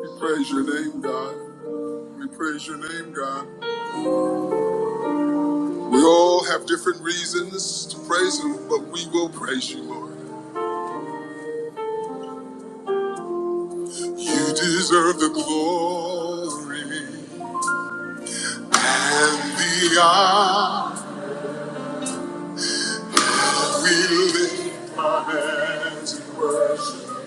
We praise your name, God. We praise your name, God. We all have different reasons to praise you, but we will praise you, Lord. You deserve the glory and the honor. We lift our hands in worship.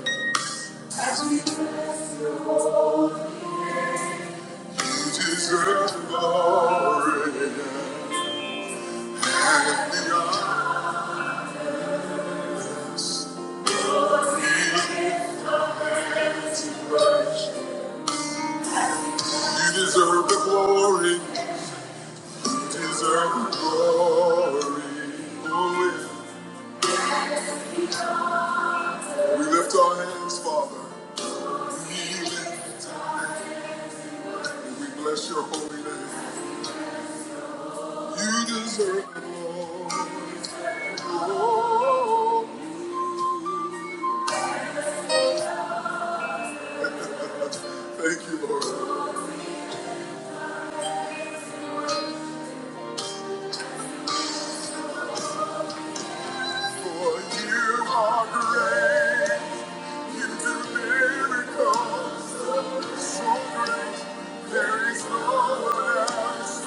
You deserve the glory and the honor. You deserve the glory. You deserve the glory. Oh, yeah. We lift our hands, Father. We lift our hands. and We bless your holy name. You deserve it, Lord. Oh, Thank you, Lord. For you are great. You do miracles so great. There is no one else.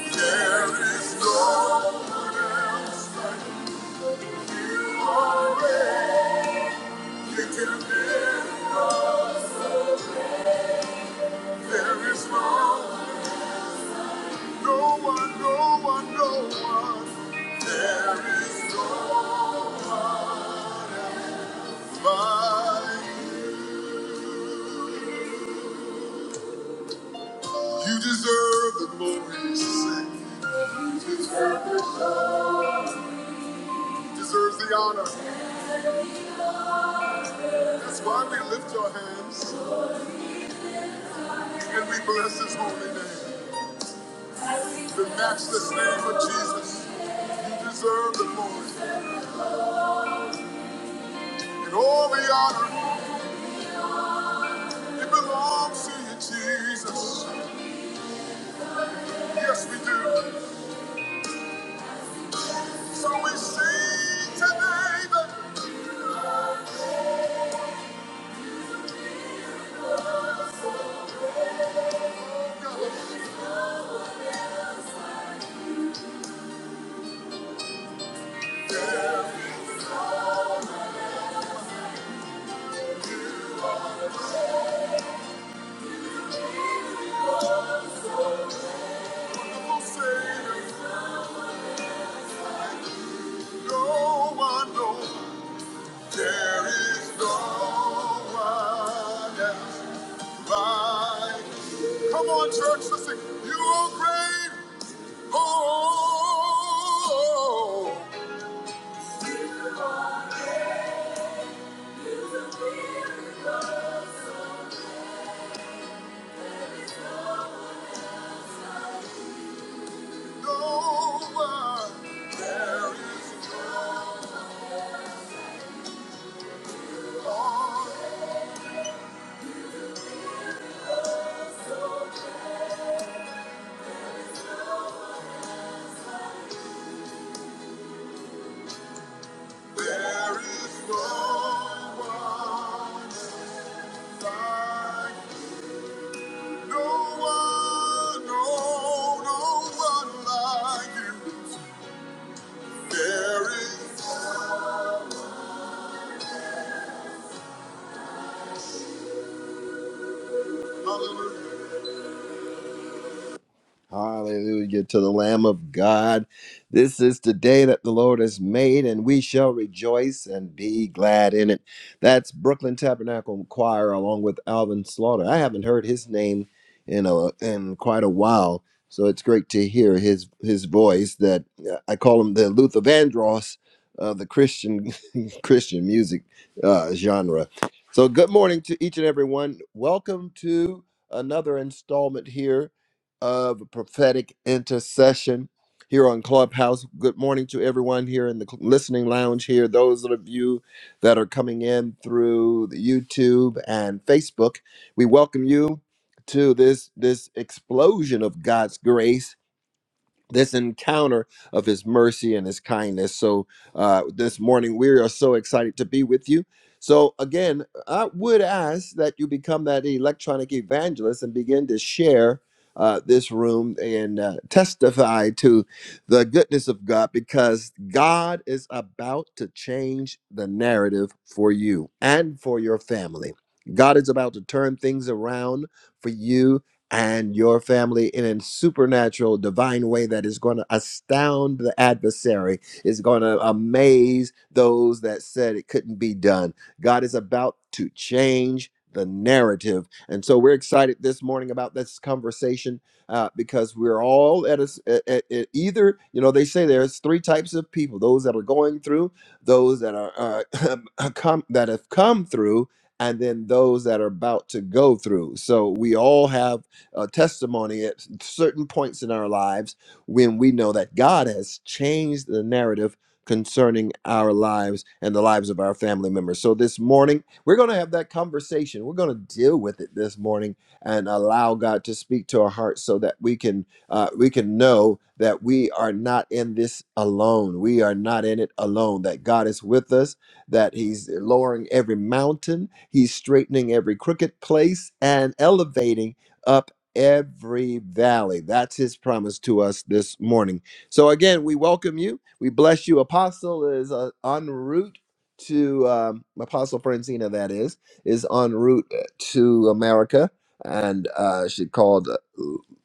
There is no one else like you, Lord. You do miracles. There is no one else. No one, no one, no one. There is no one. You deserve the glory, you deserves the honor. That's why we lift our hands and we bless his holy name. The matchless name of Jesus. You deserve the glory and all the honor. It belongs to you, Jesus. Yes, we do. So we sing today that God, are a wonderful Savior. No one knows. There is no one else like. you. Come on, church, listen. You are great. Oh, no one. There is no. There is no one else like. you. No one. No, no one like you. There is. Hallelujah. Hallelujah to the Lamb of God. This is the day that the Lord has made, and we shall rejoice and be glad in it. That's Brooklyn Tabernacle Choir along with Alvin Slaughter. I haven't heard his name in a in quite a while, so it's great to hear his his voice. That uh, I call him the Luther Vandross of the Christian Christian music uh, genre. So, good morning to each and everyone. Welcome to another installment here of prophetic intercession here on Clubhouse. Good morning to everyone here in the cl- listening lounge here. Those of you that are coming in through the YouTube and Facebook, we welcome you to this this explosion of God's grace this encounter of his mercy and his kindness. So, uh, this morning, we are so excited to be with you. So, again, I would ask that you become that electronic evangelist and begin to share uh, this room and uh, testify to the goodness of God because God is about to change the narrative for you and for your family. God is about to turn things around for you and your family in a supernatural, divine way that is going to astound the adversary, is going to amaze those that said it couldn't be done. God is about to change the narrative. And so we're excited this morning about this conversation uh, because we're all at, a, s- at- at- at either, you know, they say there's three types of people those that are going through, those that are uh, come, that have come through, and then those that are about to go through. So we all have uh, testimony at certain points in our lives when we know that God has changed the narrative concerning our lives and the lives of our family members. So this morning, we're going to have that conversation. We're going to deal with it this morning and allow God to speak to our hearts so that we can uh, we can know that we are not in this alone. We are not in it alone. That God is with us. That He's lowering every mountain. He's straightening every crooked place and elevating. up every valley. That's his promise to us this morning. So again, we welcome you. We bless you. Apostle is uh, en route to um, Apostle Francina. That is is en route uh, to America, and uh, she called. Uh,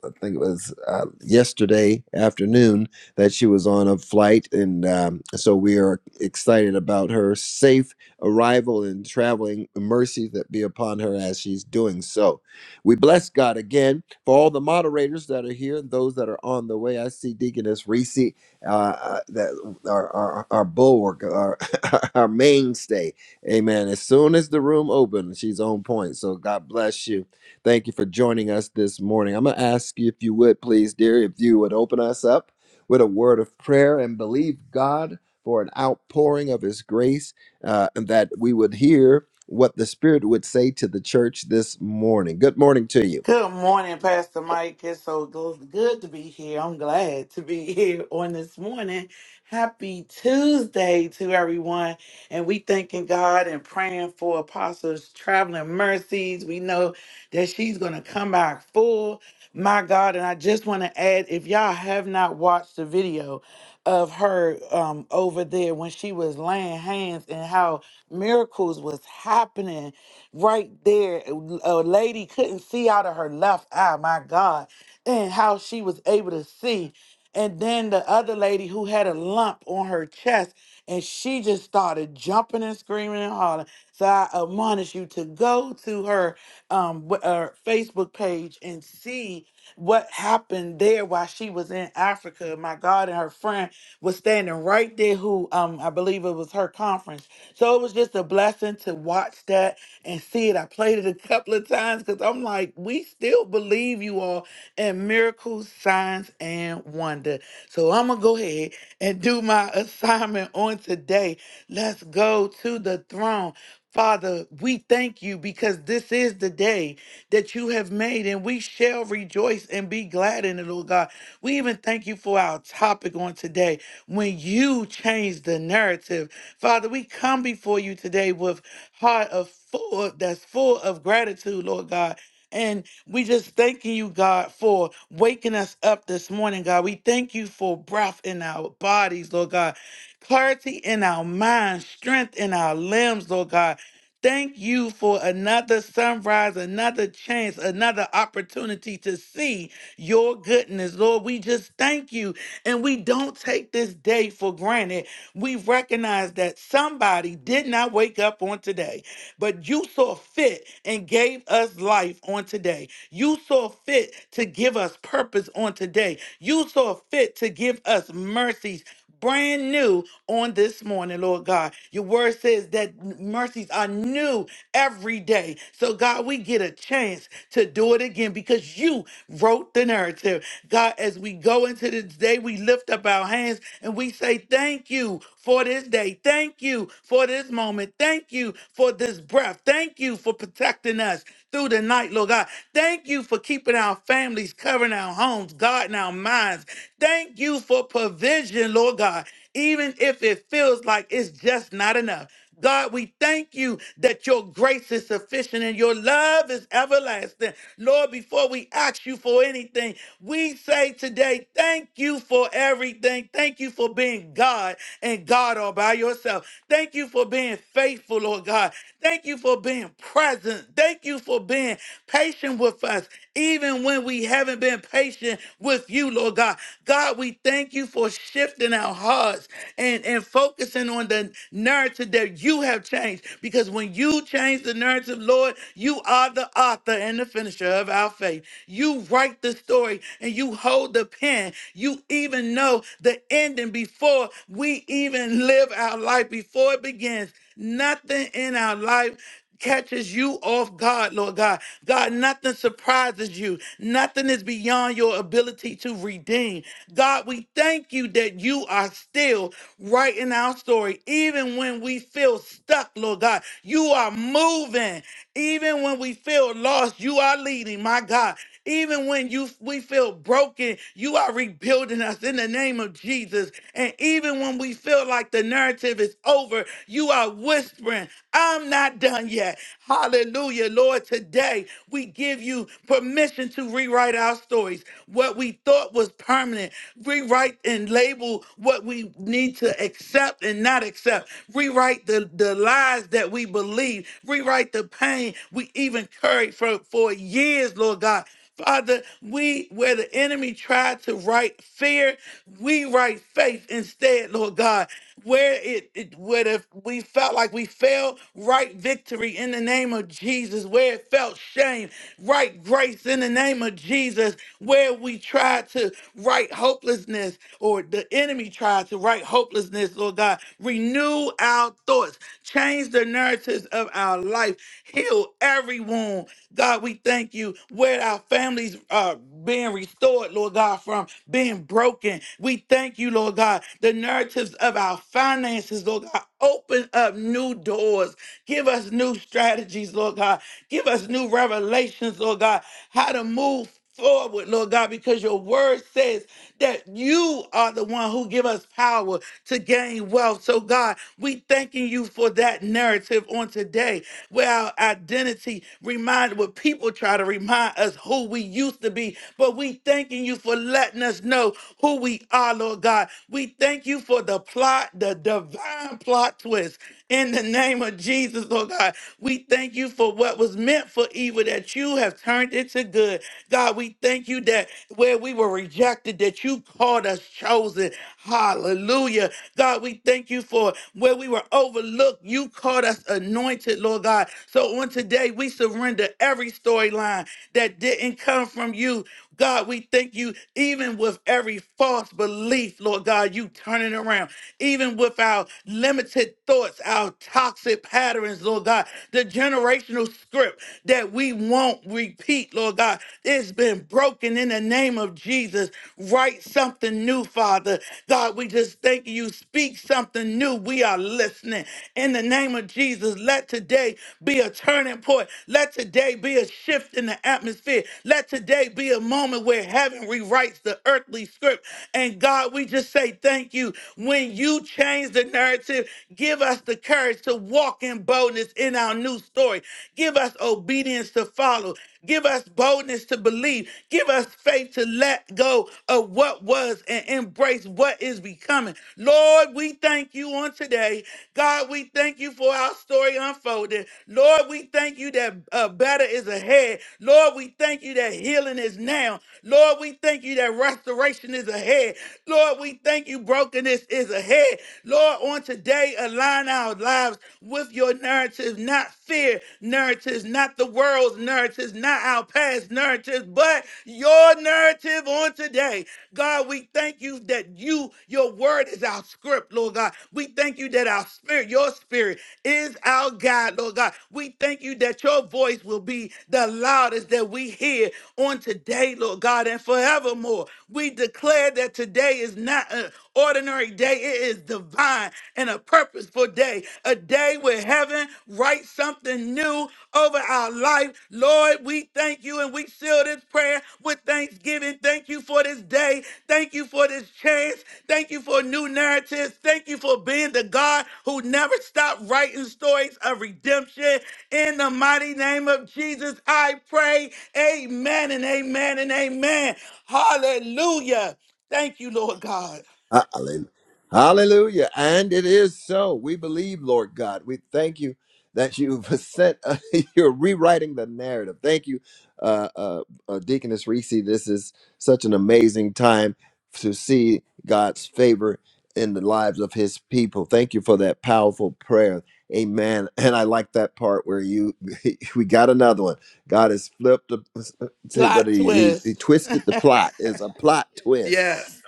I think it was uh, yesterday afternoon that she was on a flight, and um, so we are excited about her safe arrival and traveling. Mercy that be upon her as she's doing so. We bless God again for all the moderators that are here and those that are on the way, I see Deaconess Reese, uh, uh, that our, our, our bulwark, our, our mainstay. Amen. As soon as the room opens, she's on point. So God bless you. Thank you for joining us this morning. I'm going to ask you if you would, please, dear, if you would open us up with a word of prayer and believe God for an outpouring of His grace uh, and that we would hear what the Spirit would say to the church this morning. Good morning to you. Good morning, Pastor Mike. It's so good good to be here. I'm glad to be here on this morning. Happy Tuesday to everyone. And we thanking God and praying for Apostles Traveling Mercies. We know that she's going to come back full. My God. And I just want to add if y'all have not watched the video of her um, over there when she was laying hands and how miracles was happening right there. A lady couldn't see out of her left eye, my God, and how she was able to see. And then the other lady who had a lump on her chest, and she just started jumping and screaming and hollering. So I admonish you to go to her um w- uh, Facebook page and see what happened there while she was in Africa. My God and her friend was standing right there who um I believe it was her conference. So it was just a blessing to watch that and see it. I played it a couple of times because I'm like, we still believe you all in miracles, signs, and wonder. So I'm going to go ahead and do my assignment on today. Let's go to the throne. Father, we thank you because this is the day that you have made, and we shall rejoice and be glad in it, Lord God. We even thank you for our topic on today when you change the narrative. Father, we come before you today with heart of full that's full of gratitude, Lord God. And we just thanking you, God, for waking us up this morning, God. We thank you for breath in our bodies, Lord God, clarity in our minds, strength in our limbs, Lord God. Thank you for another sunrise, another chance, another opportunity to see your goodness, Lord. We just thank you and we don't take this day for granted. We recognize that somebody did not wake up on today, but you saw fit and gave us life on today. You saw fit to give us purpose on today. You saw fit to give us mercies brand new on this morning, Lord God. Your word says that mercies are new every day. So, God, we get a chance to do it again because you wrote the narrative. God, as we go into this day, we lift up our hands and we say, Thank you for this day. Thank you for this moment. Thank you for this breath. Thank you for protecting us through the night, Lord God. Thank you for keeping our families, covering our homes, guarding our minds. Thank you for provision, Lord God, even if it feels like it's just not enough. God, we thank you that your grace is sufficient and your love is everlasting. Lord, before we ask you for anything, we say today, thank you for everything. Thank you for being God and God all by yourself. Thank you for being faithful, Lord God. Thank you for being present. Thank you for being patient with us, even when we haven't been patient with you, Lord God. God, we thank you for shifting our hearts and, and focusing on the narrative that you that you have changed because when you change the narrative, Lord, you are the author and the finisher of our faith. You write the story and you hold the pen. You even know the ending before we even live our life, before it begins. Nothing in our life catches you off guard, Lord God. God, nothing surprises you. Nothing is beyond your ability to redeem. God, we thank you that you are still right in our story. Even when we feel stuck, Lord God, you are moving. Even when we feel lost, you are leading, my God. Even when you we feel broken, you are rebuilding us in the name of Jesus. And even when we feel like the narrative is over, you are whispering, I'm not done yet. Hallelujah, Lord. Today we give you permission to rewrite our stories. What we thought was permanent, rewrite and label what we need to accept and not accept. Rewrite the, the lies that we believe. Rewrite the pain we even carried for, for years, Lord God. Father, we, where the enemy tried to write fear, we write faith instead, Lord God. Where it, it where the, we felt like we failed, write victory in the name of Jesus. Where it felt shame, write grace in the name of Jesus. Where we tried to write hopelessness, or the enemy tried to write hopelessness, Lord God, renew our thoughts, change the narratives of our life, heal every wound, God, we thank you where our families are being restored, Lord God, from being broken. We thank you, Lord God. The narratives of our finances, Lord God, open up new doors. Give us new strategies, Lord God. Give us new revelations, Lord God, how to move forward, Lord God, because your word says that you are the one who give us power to gain wealth. So God, we thanking you for that narrative on today where our identity reminded, what people try to remind us who we used to be. But we thanking you for letting us know who we are, Lord God. We thank you for the plot, the divine plot twist in the name of Jesus, Lord God. We thank you for what was meant for evil that you have turned it to good. God, we thank you that where we were rejected, that you called us chosen. Hallelujah. God, we thank you for where we were overlooked. You called us anointed, Lord God. So on today, we surrender every storyline that didn't come from you. God, we thank you, even with every false belief, Lord God, you turn it around. Even with our limited thoughts, our toxic patterns, Lord God, the generational script that we won't repeat, Lord God, it's been broken in the name of Jesus. Write something new, Father. God, we just thank you. Speak something new. We are listening. In the name of Jesus, let today be a turning point. Let today be a shift in the atmosphere. Let today be a moment where heaven rewrites the earthly script. And God, we just say thank you. When you change the the narrative. Give us the courage to walk in boldness in our new story. Give us obedience to follow. Give us boldness to believe. Give us faith to let go of what was and embrace what is becoming. Lord, we thank you on today. God, we thank you for our story unfolded. Lord, we thank you that uh, better is ahead. Lord, we thank you that healing is now. Lord, we thank you that restoration is ahead is ahead. Lord, we thank you. Brokenness is ahead. Lord, on today, align our lives with your narratives, not fear narratives, not the world's narratives, not our past narratives, but your narrative on today. God, we thank you that you, your word is our script, Lord God. We thank you that our spirit, your spirit, is our guide, Lord God. We thank you that your voice will be the loudest that we hear did on today, Lord God, and forevermore. We declare that today is not an ordinary day, it is divine and a purposeful day, a day where heaven writes something new over our life. Lord, we thank you and we seal this prayer with thanksgiving. Thank you for this day. Thank you for this chance. Thank you for new narratives. Thank you for being the God who never stopped writing stories of redemption. In the mighty name of Jesus, I pray. Amen and amen and amen. Hallelujah. Thank you, Lord God. Hallelujah. Hallelujah. And it is so. We believe, Lord God. We thank you that you've sent, uh, you're rewriting the narrative. Thank you, uh, uh, uh, Deaconess Reese. This is such an amazing time to see God's favor in the lives of his people. Thank you for that powerful prayer. Amen. And I like that part where you, we got another one. God has flipped, the, uh, uh, see, but Plot he, he, he twist. twisted the plot. It's a plot yes. twist.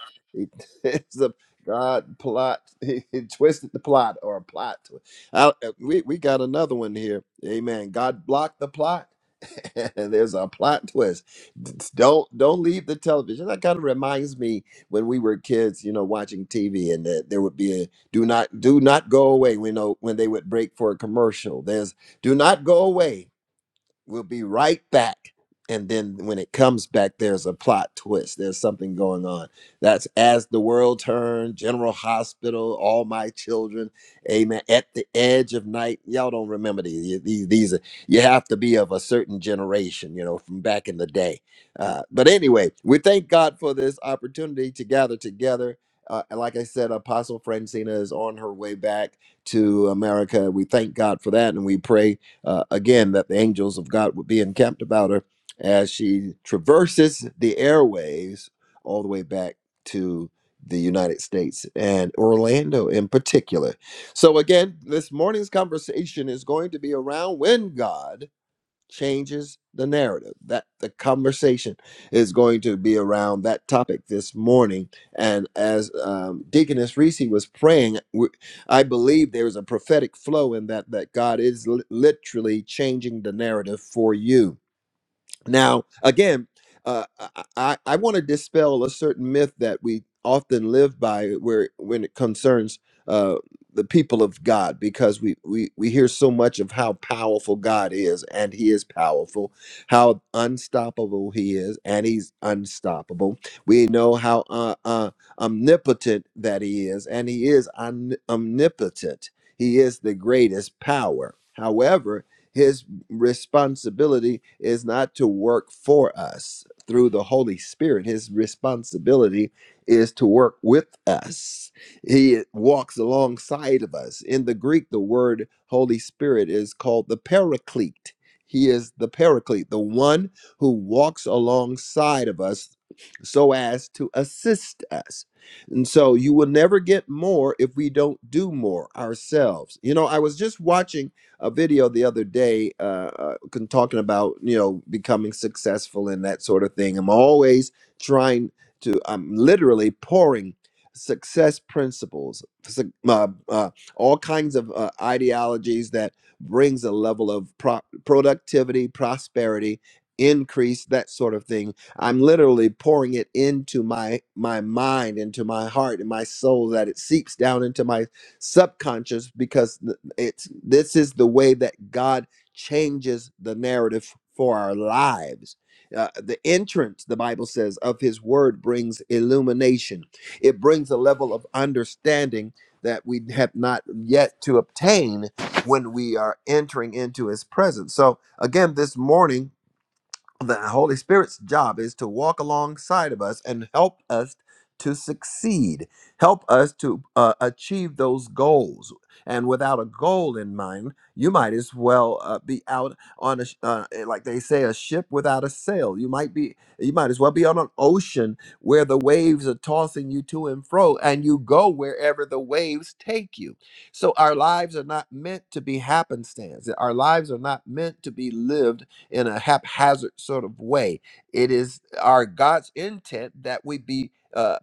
it's a God plot. He, he twisted the plot or a plot. twi- I, uh, we we got another one here. Amen. God blocked the plot. and there's a plot twist. D- Don't don't leave the television. That kind of reminds me when we were kids, you know, watching TV, and that there would be a do not do not go away. We know when they would break for a commercial. There's do not go away We'll be right back. And then when it comes back, there's a plot twist. There's something going on. That's As the World Turned, General Hospital, All My Children, Amen. At the Edge of Night. Y'all don't remember these. These, these are, you have to be of a certain generation, you know, from back in the day. Uh, but anyway, we thank God for this opportunity to gather together. Uh, and like I said, Apostle Francina is on her way back to America. We thank God for that and we pray uh, again that the angels of God would be encamped about her as she traverses the airways all the way back to the United States and Orlando in particular. So, again, this morning's conversation is going to be around when God changes the narrative. That the conversation is going to be around that topic this morning. And as um, Deaconess Reese was praying, w- I believe there is a prophetic flow in that that God is li- literally changing the narrative for you now, again, uh, I, I, I want to dispel a certain myth that we often live by where when it concerns uh, the people of God, because we, we, we hear so much of how powerful God is, and He is powerful, how unstoppable He is, and He's unstoppable. We know how uh, uh, omnipotent that He is, and He is omni- omnipotent. He is the greatest power. However, his responsibility is not to work for us through the Holy Spirit. His responsibility is to work with us. He walks alongside of us. In the Greek, the word Holy Spirit is called the paraclete. He is the paraclete, the one who walks alongside of us so as to assist us. And so you will never get more if we don't do more ourselves. You know, I was just watching a video the other day uh, uh con- talking about you know becoming successful and that sort of thing i'm always trying to i'm literally pouring success principles suc- uh, uh, all kinds of uh, ideologies that brings a level of pro- productivity prosperity increase that sort of thing i'm literally pouring it into my my mind into my heart and my soul that it seeps down into my subconscious because it's this is the way that God changes the narrative for our lives. Uh, the entrance, the Bible says, of His Word brings illumination. It brings a level of understanding that we have not yet to obtain when we are entering into His presence. So, again, this morning the Holy Spirit's job is to walk alongside of us and help us to succeed, help us to uh, achieve those goals. And without a goal in mind, you might as well uh, be out on a, sh- uh, eh, like they say, a ship without a sail. You might be, you might as well be on an ocean where the waves are tossing you to and fro, and you go wherever the waves take you. So our lives are not meant to be happenstance. Our lives are not meant to be lived in a haphazard sort of way. It is our God's intent that we be. Uh,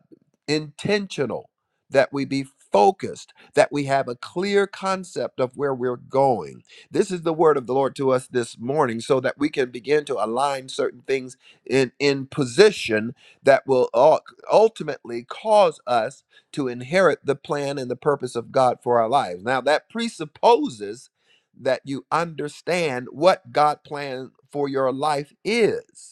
intentional, that we be focused, that we have a clear concept of where we're going. This is the word of the Lord to us this morning so that we can begin to align certain things in, in position that will ul- ultimately cause us to inherit the plan and the purpose of God for our lives. Now, that presupposes that you understand what God plan for your life is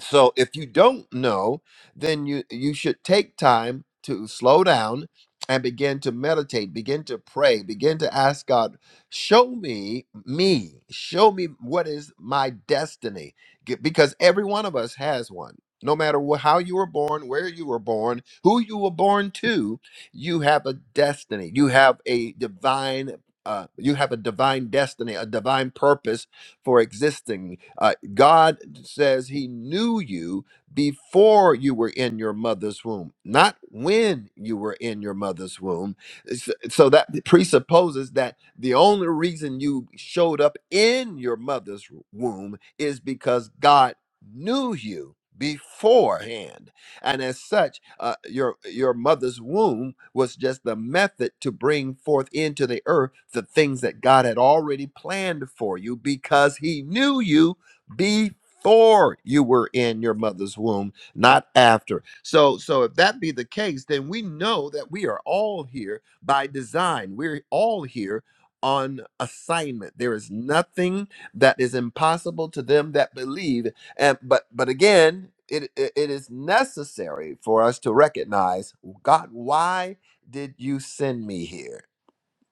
so if you don't know, then you you should take time to slow down and begin to meditate, begin to pray, begin to ask God, show me me, show me what is my destiny G- because every one of us has one. No matter wh- how you were born, where you were born, who you were born to, you have a destiny. You have a divine uh, you have a divine destiny, a divine purpose for existing. Uh, God says He knew you before you were in your mother's womb, not when you were in your mother's womb. S- So that presupposes that the only reason you showed up in your mother's womb is because God knew you beforehand and as such, uh, your your mother's womb was just the method to bring forth into the earth the things that God had already planned for you, because He knew you before you were in your mother's womb, not after. So, so if that be the case, then we know that we are all here by design. We're all here on assignment. There is nothing that is impossible to them that believe and but but again, it, it it is necessary for us to recognize "Well, God. Why did you send me here?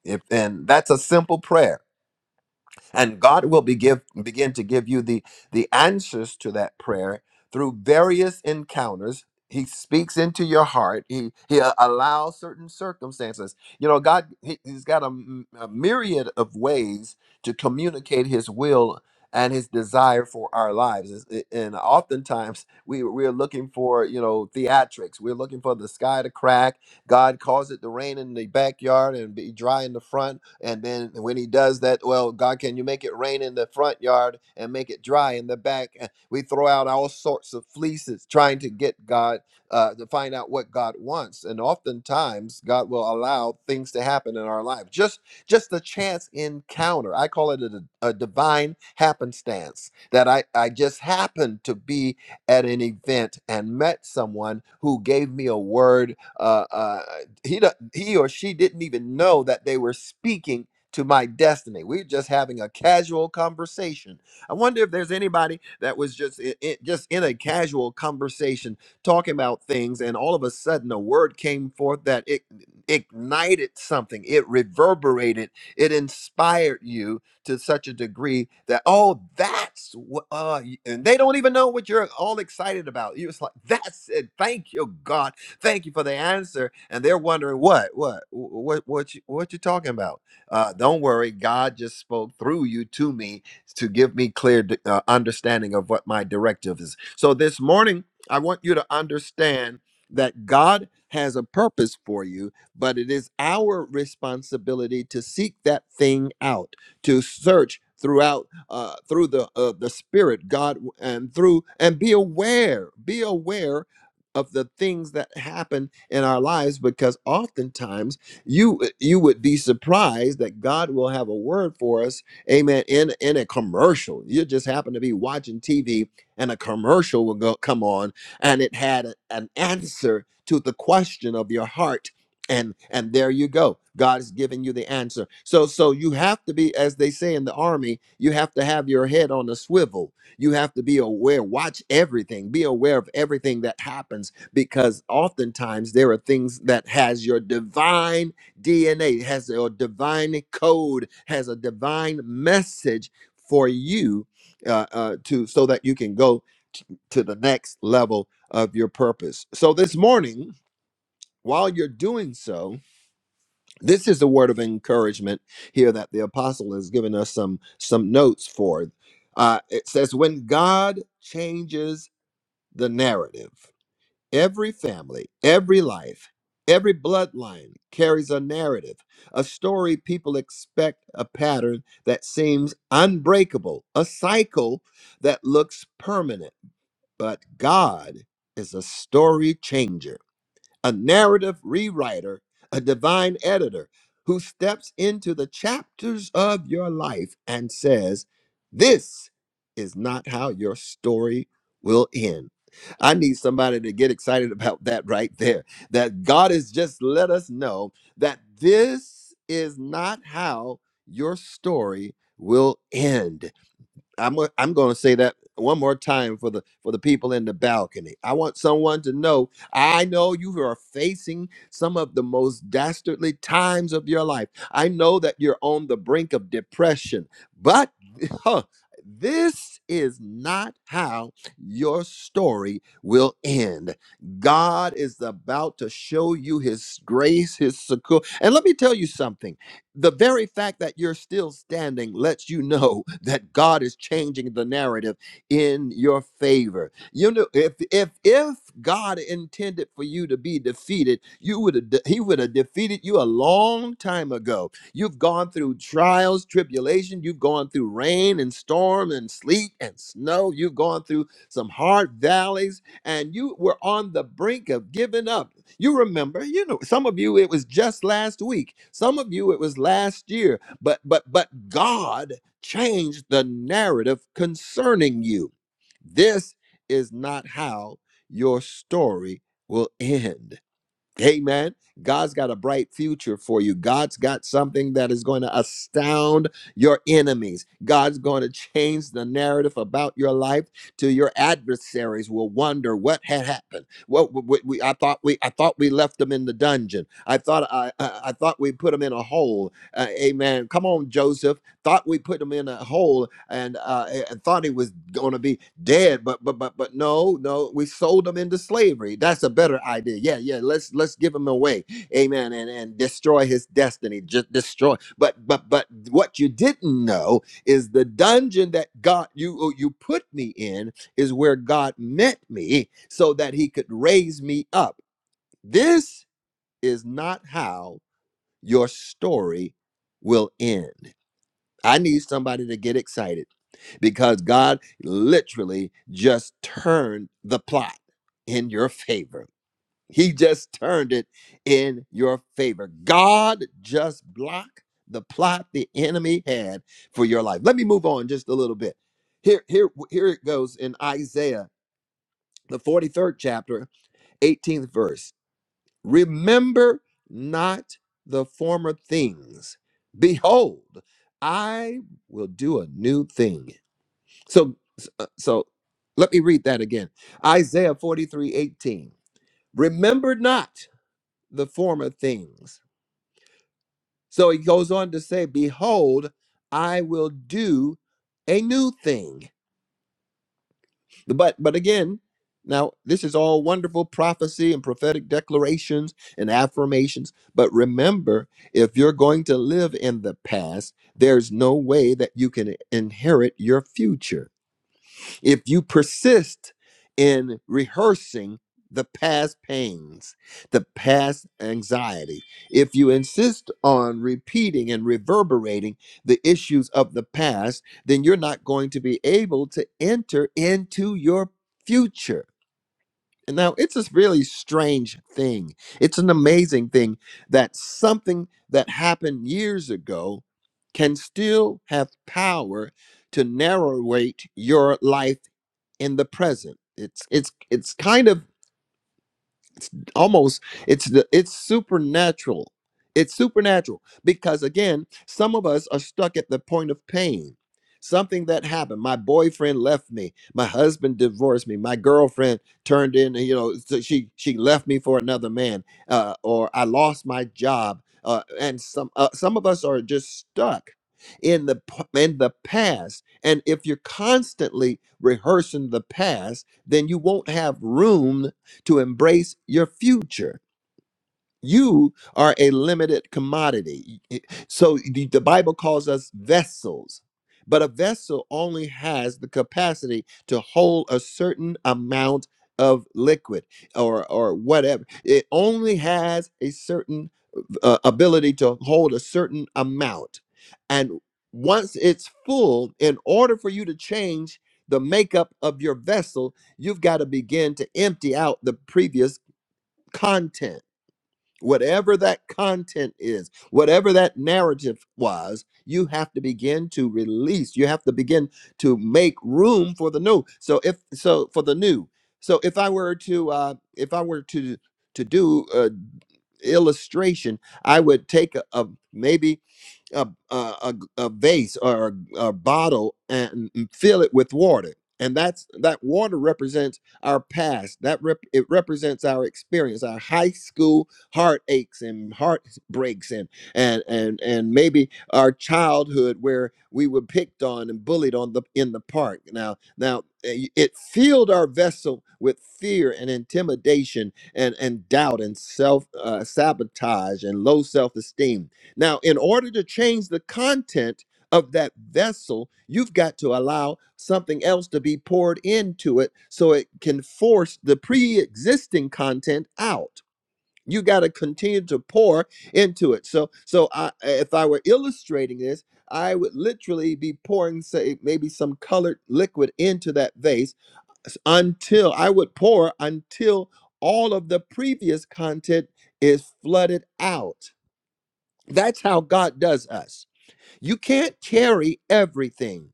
If and that's a simple prayer and God will be give, begin to give you the the answers to that prayer through various encounters. He speaks into your heart. He he a- allows certain circumstances. You know, God he, has got a, m- a myriad of ways to communicate His will and His desire for our lives. It's- it- And oftentimes we we're looking for you know theatrics. We're looking for the sky to crack. God calls it to rain in the backyard and be dry in the front and then when he does that, well, God, can you make it rain in the front yard and make it dry in the back? And we throw out all sorts of fleeces trying to get God uh, to find out what God wants. And oftentimes, God will allow things to happen in our life. Just just a chance encounter. I call it a a divine happenstance that I, I just happened to be at an event and met someone who gave me a word. Uh, uh, he do- he or she didn't even know that they were speaking to my destiny. We're just having a casual conversation. I wonder if there's anybody that was just in, just in a casual conversation talking about things, and all of a sudden a word came forth that it ignited something. It reverberated. It inspired you to such a degree that oh, that's what. Uh, y- and they don't even know what you're all excited about. You're just like that's it. Thank you, God Thank you for the answer. And they're wondering what, what, what, what, you, what you talking about? Uh, don't worry, God just spoke through you to me to give me clear d- uh, understanding of what my directive is. So this morning, I want you to understand that God has a purpose for you, but it is our responsibility to seek that thing out, to search throughout uh, through the uh, the spirit god and through and be aware be aware of the things that happen in our lives because oftentimes you eh, you would be surprised that God will have a word for us amen in in a commercial you just happen to be watching TV and a commercial will go come on and it had a- an answer to the question of your heart and and there you go God is giving you the answer so so you have to be as they say in the army you have to have your head on a swivel you have to be aware, watch everything, be aware of everything that happens because oftentimes there are things that has your divine DNA, has your divine code, has a divine message for you uh, uh, to so that you can go t- to the next level of your purpose. So this morning, while you're doing so, this is a word of encouragement here that the apostle has given us some some notes for uh, it says when god changes the narrative every family every life every bloodline carries a narrative a story people expect a pattern that seems unbreakable a cycle that looks permanent but god is a story changer a narrative rewriter, a divine editor who steps into the chapters of your life and says, This is not how your story will end. I need somebody to get excited about that right there. That God has just let us know that this is not how your story will end. I'm i I'm going to say that one more time for the for the people in the balcony. I want someone to know. I know you are facing some of the most dastardly times of your life. I know that you're on the brink of depression, but huh, this is not how your story will end. God is about to show you His grace, His succor. And let me tell you something the very fact that you're still standing lets you know that God is changing the narrative in your favor. You know, if if if God intended for you to be defeated, you would have de- he would have defeated you a long time ago. You've gone through trials, tribulation, you've gone through rain and storm and sleet and snow, you've gone through some hard valleys and you were on the brink of giving up you remember, you know, some of you it was just last week. Some of you it was last year. But but but God changed the narrative concerning you. This is not how your story will end. Amen. God's got a bright future for you. God's got something that is going to astound your enemies. God's going to change the narrative about your life till your adversaries will wonder what had happened. What w- w- we, I thought we I thought we left them in the dungeon. I thought I I, I thought we put them in a hole. Uh, amen. Come on, Joseph thought we put him in a hole and uh, and thought he was going to be dead but but but but no no we sold him into slavery that's a better idea yeah yeah let's let's give him away amen and and destroy his destiny just destroy but but but what you didn't know is the dungeon that God you uh, you put me in is where God met me so that he could raise me up this is not how your story will end I need somebody to get excited because God literally just turned the plot in your favor. He just turned it in your favor. God just blocked the plot the enemy had for your life. Let me move on just a little bit. Here, here, here it goes in Isaiah, the 43rd chapter, 18th verse. Remember not the former things. Behold, I will do a new thing so, so let me read that again. Isaiah 43 18. Remember not the former things. So he goes on to say, Behold, I will do a new thing. But but again, now this is all wonderful prophecy and prophetic declarations and affirmations. But remember, if you're going to live in the past, there's no way that you can inherit your future. If you persist in rehearsing the past pains, the past anxiety, if you insist on repeating and reverberating the issues of the past, then you're not going to be able to enter into your future and Now, it's this really strange thing. It's an amazing thing that something that happened years ago can still have power to narrate your life in the present. It's it's it's kind of almost it's the it's supernatural it's supernatural because again some of us are stuck at the point of pain something that happened my boyfriend left me my husband divorced me my girlfriend turned in you know so she she left me for another man uh, or i lost my job uh, and some uh, some of us are just stuck in the p- in the past and if you're constantly rehearsing the past then you won't have room to embrace your future. You are a limited commodity. So the, the Bible calls us vessels, but a vessel only has the capacity to hold a certain amount of liquid or or whatever. It only has a certain uh, ability to hold a certain amount. And once it's full, in order for you to change the makeup of your vessel, you've got to begin to empty out the previous content, whatever that content is, whatever that narrative was, you have to begin to release. You have to begin to make room for the new. So if so for the new. So if I were to uh if I were to to do a illustration, I would take a, a maybe a a, a, vase or a, a bottle and fill it with water and that's that water represents our past that rep, it represents our experience our high school heartaches and heartbreaks and and and and maybe our childhood where we were picked on and bullied on the in the park now now eh, it filled our vessel with fear and intimidation and and doubt and self uh, sabotage and low self-esteem now, in order to change the content of that vessel, you've got to allow something else to be poured into it so it can force the pre existing content out. You got to continue to pour into it. So, so I, if I were illustrating this, I would literally be pouring, say, maybe some colored liquid into that vase until I would pour until all of the previous content is flooded out. That's how God does us. You can't carry everything.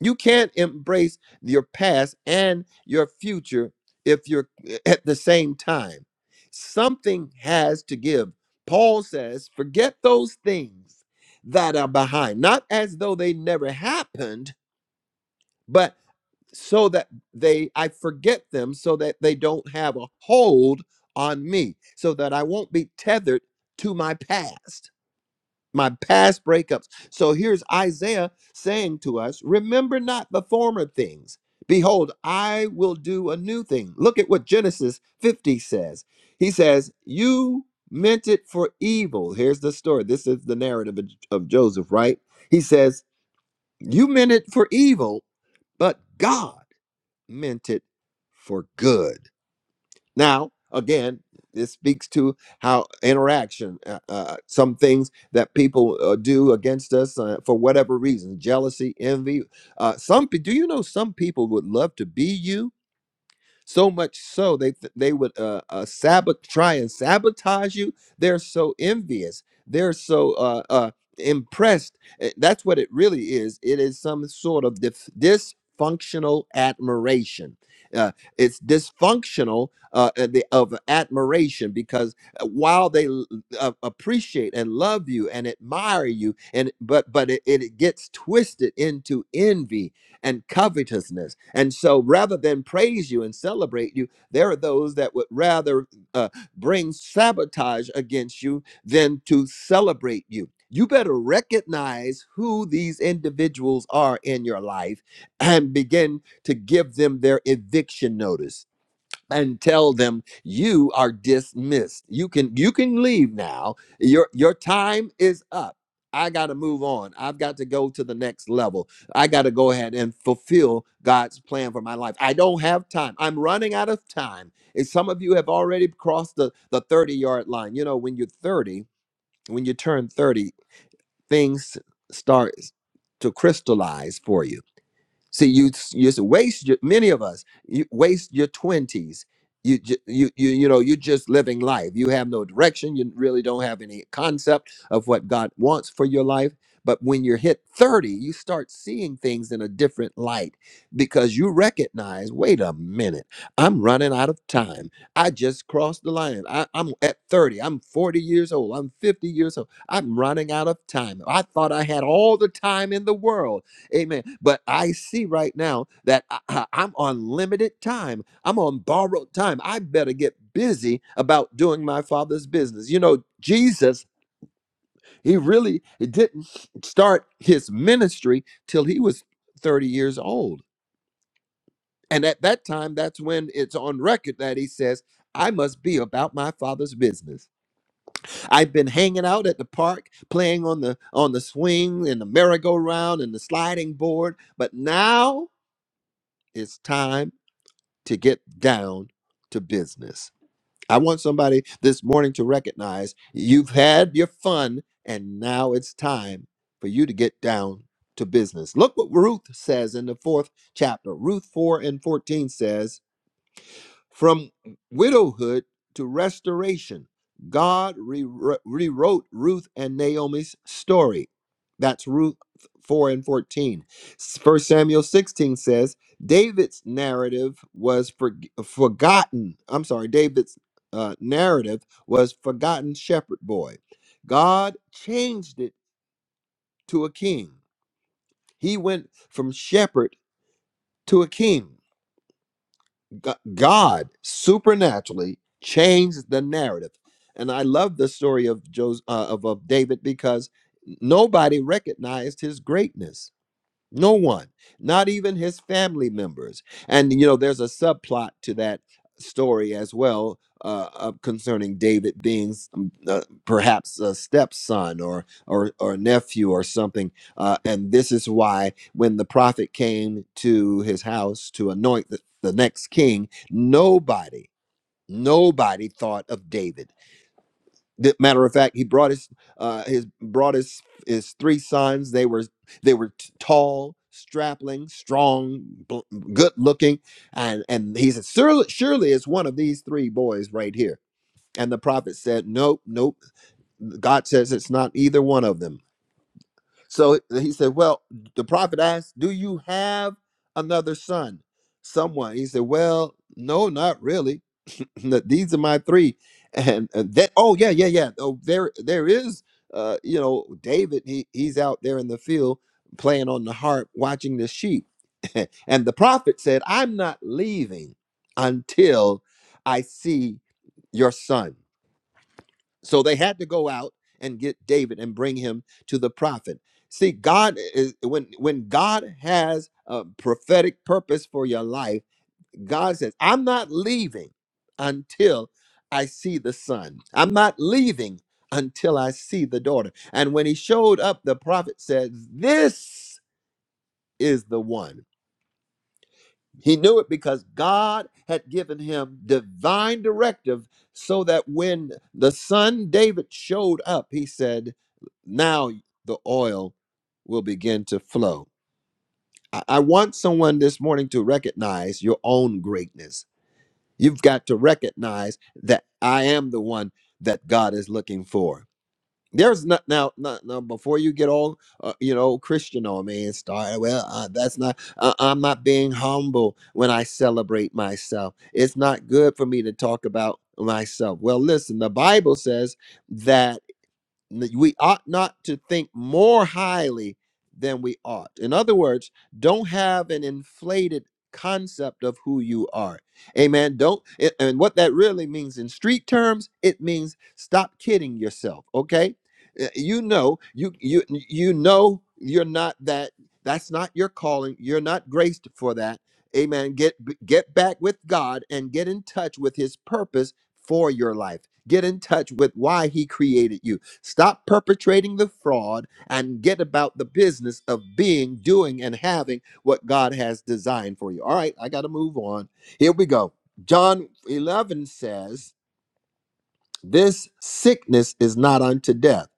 You can't embrace your past and your future if you're eh, at the same time. Something has to give. Paul says, forget those things that are behind, not as though they never happened, but so that they, I forget them so that they don't have a hold on me, so that I won't be tethered to my past my past breakups. So here's Isaiah saying to us, Remember not the former things. Behold, I will do a new thing. Look at what Genesis 50 says. He says, You meant it for evil. Here's the story. This is the narrative of of Joseph, right? He says, You meant it for evil, but God meant it for good. Now, again, this speaks to how interaction, uh, uh, some things that people uh, do against us uh, for whatever reason, jealousy, envy. Uh, some pe- do you know some people would love to be you, so much so they th- they would uh, uh sabot try and sabotage you. They're so envious. They're so uh uh impressed. Uh, That's what it really is. It is some sort of dif- dysfunctional admiration. Uh, it's dysfunctional uh, uh, the, of admiration because uh, while they l- uh, appreciate and love you and admire you, and but but it, it gets twisted into envy and covetousness. And so, rather than praise you and celebrate you, there are those that would rather uh, bring sabotage against you than to celebrate you. You better recognize who these individuals are in your life and begin to give them their eviction notice and tell them you are dismissed. You can you can leave now. Your your time is up. I got to move on. I've got to go to the next level. I got to go ahead and fulfill God's plan for my life. I don't have time. I'm running out of time. And some of you have already crossed the the 30 yard line. You know, when you're 30, when you turn 30, things start to crystallize for you See, you you s- waste your, many of us you waste your twenties. You, ju- you you you know you're just living life. You have no direction. You really don't have any concept of what God wants for your life. But when you're hit thirty, you start seeing things in a different light because you recognize, wait a minute, I'm running out of time. I just crossed the line. I, I'm at thirty. I'm forty years old. I'm fifty years old. I'm running out of time. I thought I had all the time in the world Amen. But I see right now that I, I- I'm on limited time. I'm on borrowed time. I better get busy about doing my father's business. You know, Jesus, he really didn't start his ministry till he was 30 years old. And at that time, that's when it's on record that he says, I must be about my father's business. I've been hanging out at the park, playing on the on the swing and the merry-go-round and the sliding board, but now it's time to get down to business. I want somebody this morning to recognize you've had your fun and now it's time for you to get down to business. Look what Ruth says in the fourth chapter. Ruth 4 and 14 says, from widowhood to restoration, God rewr- rewrote Ruth and Naomi's story. That's Ruth 4 and 14. First Samuel 16 says, David's narrative was for- forgotten. I'm sorry, David's uh, narrative was forgotten shepherd boy. God changed it to a king. He went from shepherd to a king. G- God supernaturally changed the narrative. And I love the story of Jos uh, of, of David because nobody recognized his greatness no one, not even his family members. And, you know, there's a subplot to that story as well uh, of concerning David being s- um, uh, perhaps a stepson or, or, or nephew or something. Uh, and this is why when the prophet came to his house to anoint the, the next king, nobody, nobody thought of David Th- matter of fact, he brought his uh, his brought his his three sons. They were they were t- tall, strapling, strong, bl- good looking, and and he said, surely, surely it's one of these three boys right here. And the prophet said, nope, nope. God says it's not either one of them. So he said, well, the prophet asked, do you have another son, someone? He said, well, no, not really. that these are my three and, and that oh yeah yeah yeah oh there there is uh you know david he he's out there in the field playing on the harp watching the sheep and the prophet said i'm not leaving until i see your son so they had to go out and get david and bring him to the prophet see god is when when god has a prophetic purpose for your life God says, I'm not leaving until I see the son. I'm not leaving until I see the daughter. And when he showed up, the prophet said, This is the one. He knew it because God had given him divine directive so that when the son David showed up, he said, Now the oil will begin to flow. I I want someone this morning to recognize your own greatness You've got to recognize that I am the one that God is looking for. There's not now, not, now before you get all uh, you know Christian on me and start. Well, uh, that's not. Uh, I'm not being humble when I celebrate myself. It's not good for me to talk about myself. Well, listen, the Bible says that we ought not to think more highly than we ought. In other words, don't have an inflated concept of who you are. Amen. Don't a- and what that really means in street terms, it means stop kidding yourself, okay? Uh, You know, you you you know you're not that that's not your calling. You're not graced for that. Amen. Get get back with God and get in touch with his purpose for your life. Get in touch with why he created you Stop perpetrating the fraud and get about the business of being, doing, and having what God has designed for you. All right, I got to move on. Here we go. John 11 says, This sickness is not unto death.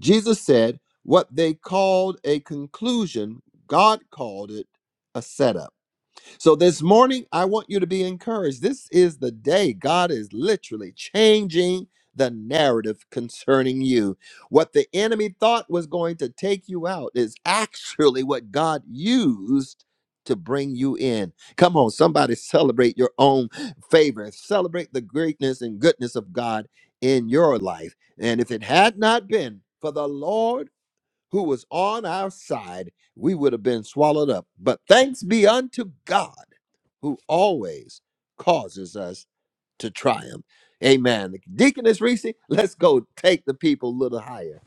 Jesus said, What they called a conclusion, God called it a setup. So this morning, I want you to be encouraged. This is the day God is literally changing the narrative concerning you. What the enemy thought was going to take you out is actually what God used to bring you in. Come on, somebody celebrate your own favor. Celebrate the greatness and goodness of God in your life. And if it had not been for the Lord who was on our side, we would have been swallowed up. But thanks be unto God who always causes us to triumph. Amen. Deaconess Reese, let's go take the people a little higher.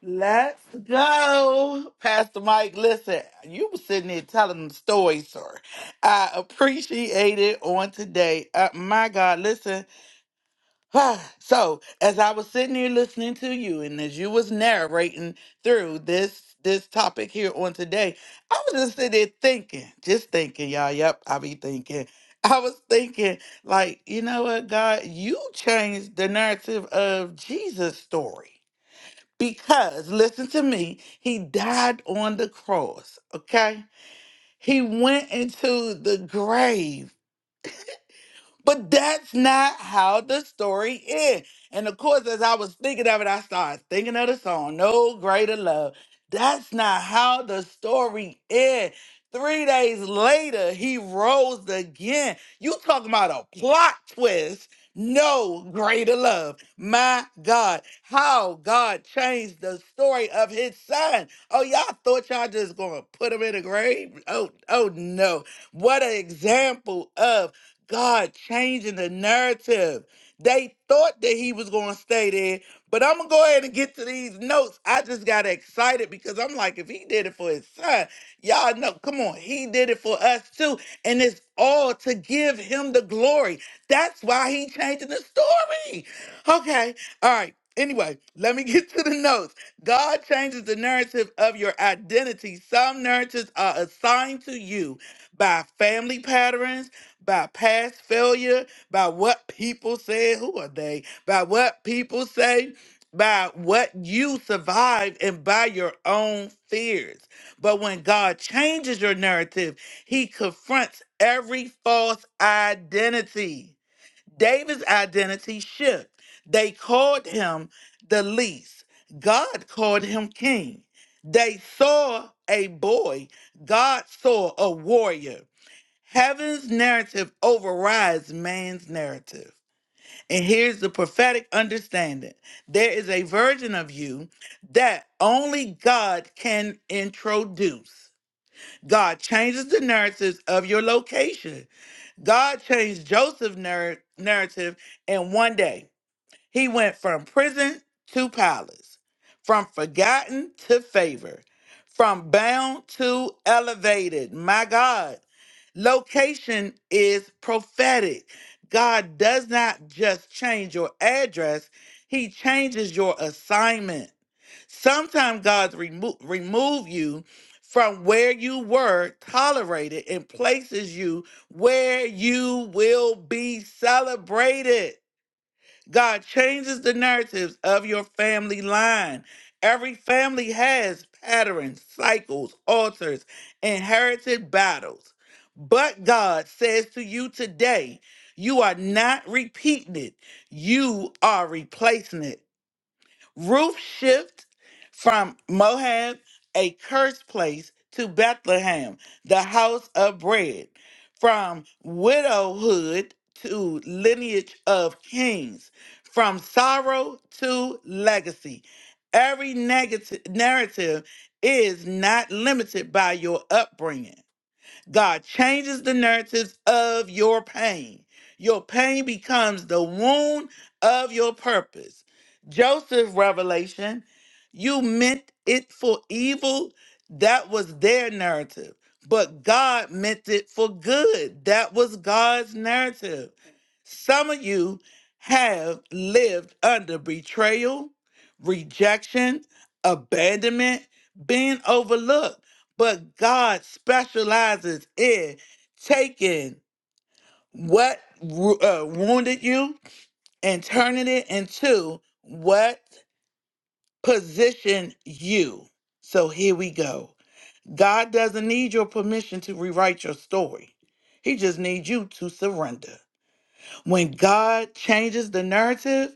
Let's go. Pastor Mike, listen, you were sitting there telling them stories, sir. I appreciate it on today. Uh, my God, listen. Ah, so as I was sitting here listening to you and as you was narrating through this this topic here on today, I was just sitting there thinking, just thinking, y'all. Yep, I be thinking. I was thinking, like, you know what, God, you changed the narrative of Jesus' story. Because listen to me, he died on the cross, okay? He went into the grave but that's not how the story ends. And of course, as I was thinking of it, I started thinking of the song, No Greater Love. That's not how the story ends. Three days later, he rose again. You talking about a plot twist. No greater love. My God, how God changed the story of his son. Oh, y'all thought y'all just gonna put him in a grave? Oh, oh no. What an example of God changing the narrative. They thought that he was going to stay there, but I'm going to go ahead and get to these notes. I just got excited because I'm like, if he did it for his son, y'all know, come on, he did it for us too. And it's all to give him the glory. That's why he changing the story. Okay. All right. Anyway, let me get to the notes. God changes the narrative of your identity. Some narratives are assigned to you by family patterns by past failure, by what people say, who are they? By what people say, by what you survived, and by your own fears. But when God changes your narrative, he confronts every false identity. David's identity shift. They called him the least. God called him king. They saw a boy. God saw a warrior. Heaven's narrative overrides man's narrative. And here's the prophetic understanding there is a version of you that only God can introduce. God changes the narratives of your location. God changed Joseph's narr- narrative in one day. He went from prison to palace, from forgotten to favored, from bound to elevated. My God. Location is prophetic. God does not just change your address, He changes your assignment. Sometimes God's remo- remove you from where you were tolerated and places you where you will be celebrated. God changes the narratives of your family line. Every family has patterns, cycles, altars, inherited battles. But God says to you today, you are not repeating it, you are replacing it. Ruth shift from Moab, a cursed place, to Bethlehem, the house of bread, from widowhood to lineage of kings, from sorrow to legacy. Every negative narrative is not limited by your upbringing. God changes the narratives of your pain. Your pain becomes the wound of your purpose. Joseph's revelation, you meant it for evil, that was their narrative. But God meant it for good. That was God's narrative. Some of you have lived under betrayal, rejection, abandonment, being overlooked but God specializes in taking what ru- uh, wounded you and turning it into what positioned you. So here we go. God doesn't need your permission to rewrite your story. He just needs you to surrender. When God changes the narrative,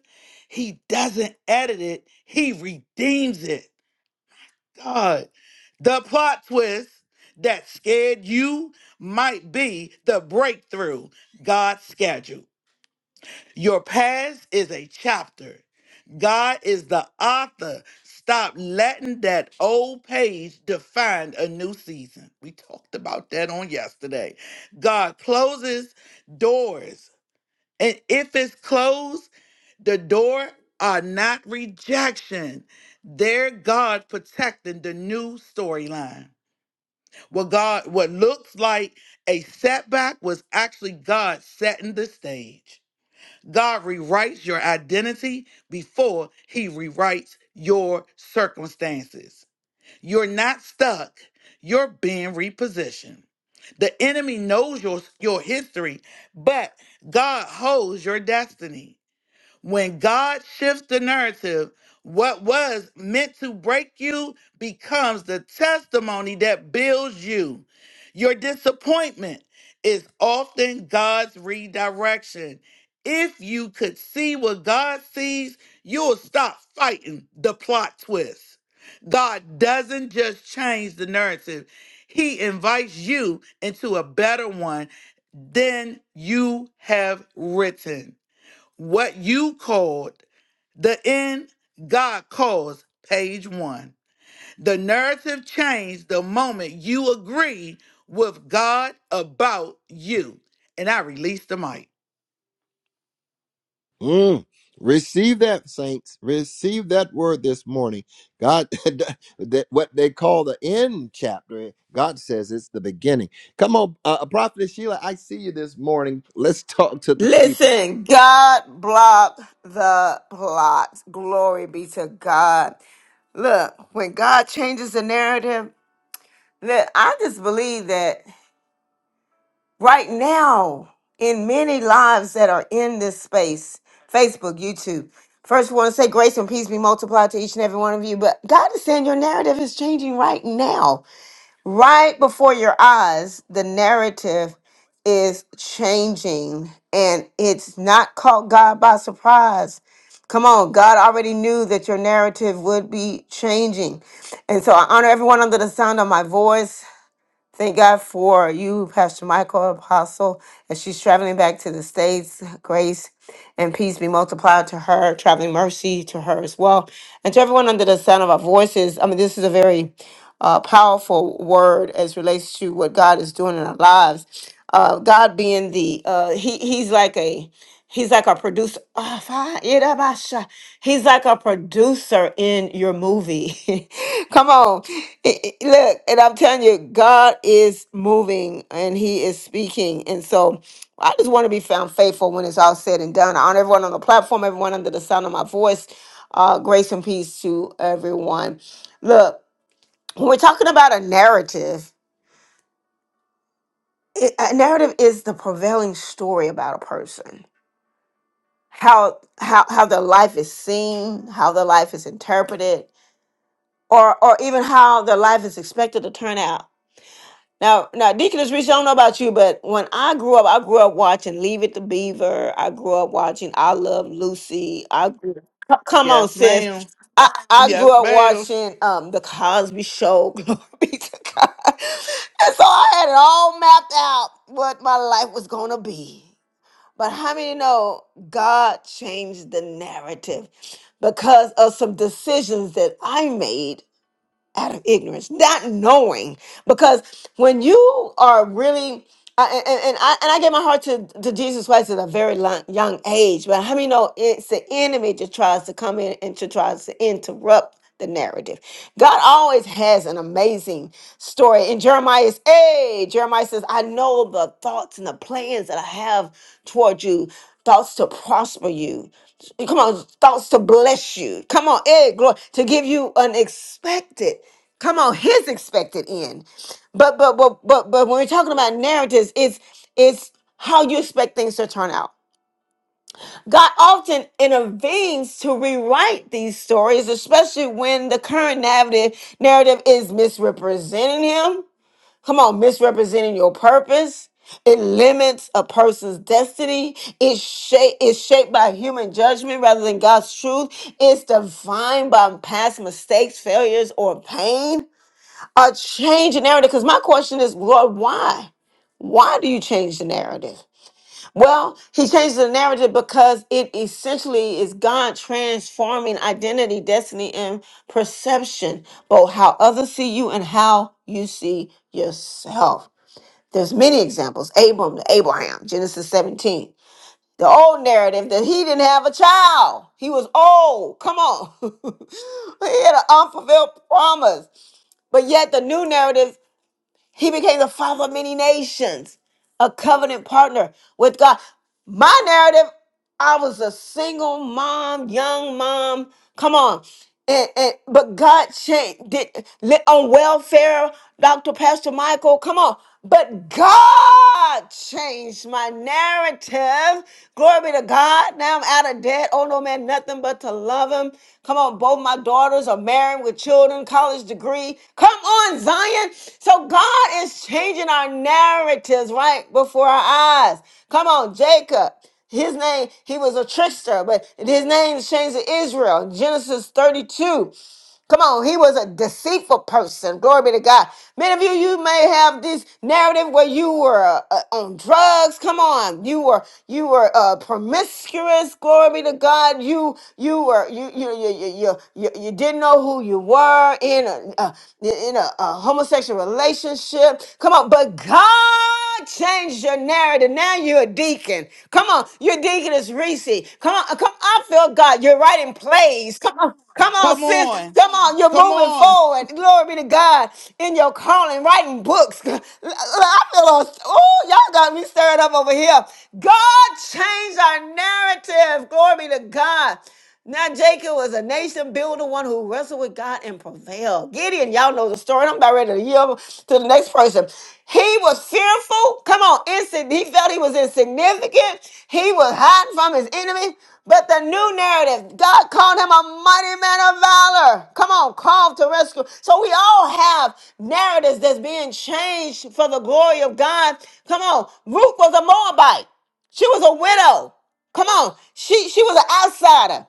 he doesn't edit it, he redeems it. God, the plot twist that scared you might be the breakthrough God scheduled. Your past is a chapter. God is the author. Stop letting that old page define a new season. We talked about that on yesterday. God closes doors and if it's closed, the door are not rejection. They're God protecting the new storyline. What God, what looks like a setback was actually God setting the stage. God rewrites your identity before he rewrites your circumstances. You're not stuck. You're being repositioned. The enemy knows your, your history, but God holds your destiny. When God shifts the narrative, what was meant to break you becomes the testimony that builds you. Your disappointment is often God's redirection. If you could see what God sees, you'll stop fighting the plot twist. God doesn't just change the narrative, He invites you into a better one than you have written. What you called the end God calls, page one. The narrative changed the moment you agree with God about you. And I release the mic. Mm. Receive that, saints. Receive that word this morning. God, that what they call the end chapter, God says it's the beginning. Come on, uh, Prophet Sheila, I see you this morning. Let's talk to the people. Listen, God blocked the plots. Glory be to God. Look, when God changes the narrative, look, I just believe that right now, in many lives that are in this space, Facebook, YouTube, first we want to say grace and peace be multiplied to each and every one of you, but God is saying your narrative is changing right now right before your eyes, the narrative is changing and it's not caught God by surprise. Come on, God already knew that your narrative would be changing. And so I honor everyone under the sound of my voice. Thank God for you, Pastor Michael Apostle, as she's traveling back to the States. Grace and peace be multiplied to her, traveling mercy to her as well. And to everyone under the sound of our voices, I mean, this is a very uh, powerful word as relates to what God is doing in our lives. Uh, God being the, uh, he, he's like a, He's like a producer. Ah, fa- ira basha. He's like a producer in your movie. Come on. I- I- Look, and I'm telling you, God is moving and He is speaking. And so I just want to be found faithful when it's all said and done. I honor everyone on the platform, everyone under the sound of my voice. Uh, grace and peace to everyone. Look, when we're talking about a narrative, it, a narrative is the prevailing story about a person how how how their life is seen, how their life is interpreted, or or even how their life is expected to turn out. Now, now, Deaconess Rich, I don't know about you, but when I grew up, I grew up watching Leave It to Beaver. I grew up watching I Love Lucy. I grew, c- come on, Yes, sis. ma'am. I, I grew Yes, up ma'am. watching um the Cosby Show. Glory be to God. And so I had it all mapped out what my life was gonna be. But how many know God changed the narrative because of some decisions that I made out of ignorance, not knowing. Because when you are really, I, and, and and I and I gave my heart to, to Jesus Christ at a very long, young age, but how many know it's the enemy that tries to come in and to tries to interrupt the narrative. God always has an amazing story. In Jeremiah's, hey, Jeremiah says, I know the thoughts and the plans that I have toward you thoughts to prosper you. Come on, thoughts to bless you. Come on, hey, glory, to give you an expected. Come on, his expected end. But but but but but when we're talking about narratives, it's it's how you expect things to turn out. God often intervenes to rewrite these stories, especially when the current narrative narrative is misrepresenting him Come on, misrepresenting your purpose. It limits a person's destiny. It's shaped, it's shaped by human judgment rather than God's truth. It's defined by past mistakes, failures, or pain. A change in narrative. Because my question is, Lord, why? Why do you change the narrative? Well, he changes the narrative because it essentially is God transforming identity, destiny, and perception, both how others see you and how you see yourself. There's many examples. Abram to Abraham, Genesis 17. The old narrative that he didn't have a child. He was old. Come on. he had an unfulfilled promise. But yet the new narrative, he became the father of many nations, a covenant partner with God. My narrative, I was a single mom, young mom. Come on and, and but God changed did li- on welfare, Dr. Pastor Michael. Come on. But God changed my narrative. Glory be to God. Now I'm out of debt. Oh no man, nothing but to love him. Come on, both my daughters are married with children, college degree. Come on, Zion. So God is changing our narratives right before our eyes. Come on, Jacob. His name, he was a trickster, but his name is changed to Israel. Genesis 32. Come on, he was a deceitful person. Glory be to God. Many of you, you may have this narrative where you were uh, on drugs. Come on, you were you were uh, promiscuous. Glory be to God. You you were you you you you you, you, you didn't know who you were in a, a in a, a homosexual relationship. Come on, but God. God changed your narrative. Now you're a deacon. Come on, your deacon is Reese. Come on, come. I feel God. You're writing plays. Come on, come on, Come sis. on. Come on, you're Come moving on. forward. Glory be to God in your calling, writing books. I feel. Oh, y'all got me stirred up over here. God changed our narrative. Glory be to God. Now Jacob was a nation builder, one who wrestled with God and prevailed. Gideon, y'all know the story. I'm about ready to yield to the next person. He was fearful. Come on, insig- he felt he was insignificant. He was hiding from his enemy. But the new narrative, God called him a mighty man of valor. Come on, called to rescue. So we all have narratives that's being changed for the glory of God. Come on, Ruth was a Moabite. She was a widow. Come on, she she was an outsider.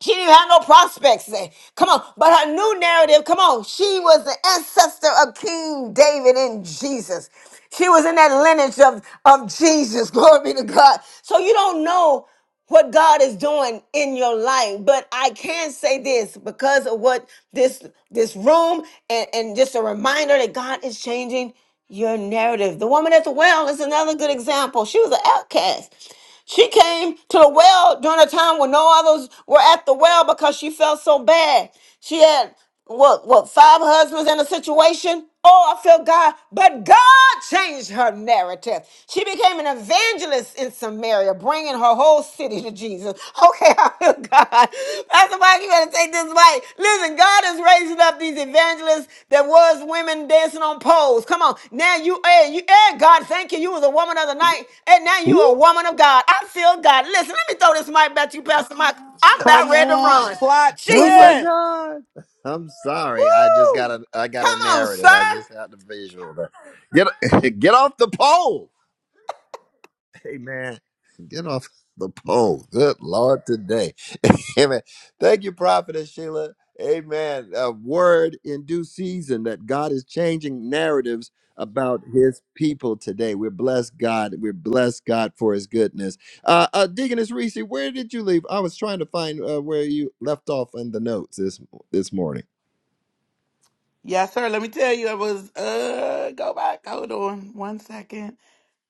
She didn't have no prospects. eh. Come on. But her new narrative, come on. She was the ancestor of King David and Jesus. She was in that lineage of, of Jesus. Glory be to God. So you don't know what God is doing in your life. But I can say this because of what this this room and, and just a reminder that God is changing your narrative. The woman at the well is another good example. She was an outcast. She came to the well during a time when no others were at the well because she felt so bad. She had what what five husbands in a situation? Oh, I feel God. But God changed her narrative. She became an evangelist in Samaria, bringing her whole city to Jesus. Okay, Oh God. Pastor Mike, you better take this mic. Listen, God is raising up these evangelists that was women dancing on poles. Come on. Now you hey, you hey God, thank you. You was a woman of the night. And now you Whoop, a woman of God. I feel God. Listen, let me throw this mic back to you, Pastor Mike. I'm about Come ready to on. run. Plot Oh my Jesus. twist. God! I'm sorry. I just got Woo! a I got a Come on, sir. narrative. I just had the visual. Get get off the pole. Amen. Get off the pole. Good Lord today. Amen. Thank you, Prophetess Sheila. Amen. A word in due season that God is changing narratives about his people today. We're blessed God. We're blessed God for his goodness. Uh, uh Deaconess Reese, where did you leave? I was trying to find uh, where you left off in the notes this this morning. Yes, sir. Let me tell you, it was uh go back. Hold on one second.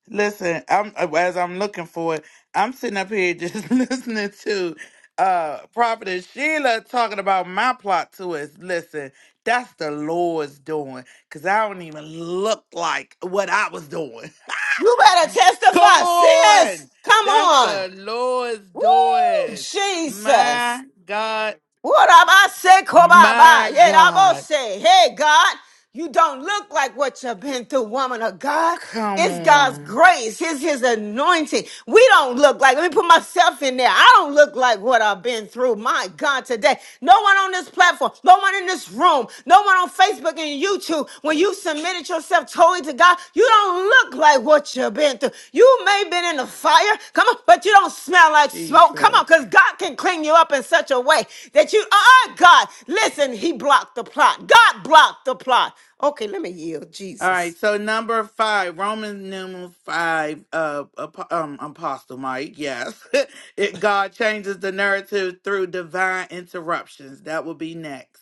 Listen, I'm uh, as I'm looking for it, I'm sitting up here just listening to uh Prophetess Sheila talking about my plot twist. Listen, that's the Lord's doing. Cause I don't even look like what I was doing. You better Come testify, sis. on. Come That's on. the Lord's Woo, doing. Jesus. My God. What I about My Kobaba? Yeah, I both God. say, hey God, you don't look like what you've been through, woman of God. Come It's God's on. grace. It's his anointing. We don't look like, let me put myself in there. I don't look like what I've been through. My God, today. No one on this platform, no one in this room, no one but on Facebook and YouTube, when you submitted yourself totally to God, you don't look like what you've been through. You may have been in the fire, come on, but you don't smell like smoke. Come on, Jesus. because God can clean you up in such a way that you are God. Listen, He blocked the plot. God blocked the plot. Okay, let me yield, All right, Jesus. so number five, Roman numeral five, uh, ap- um, Apostle Mike, yes. it, God changes the narrative through divine interruptions. That will be next.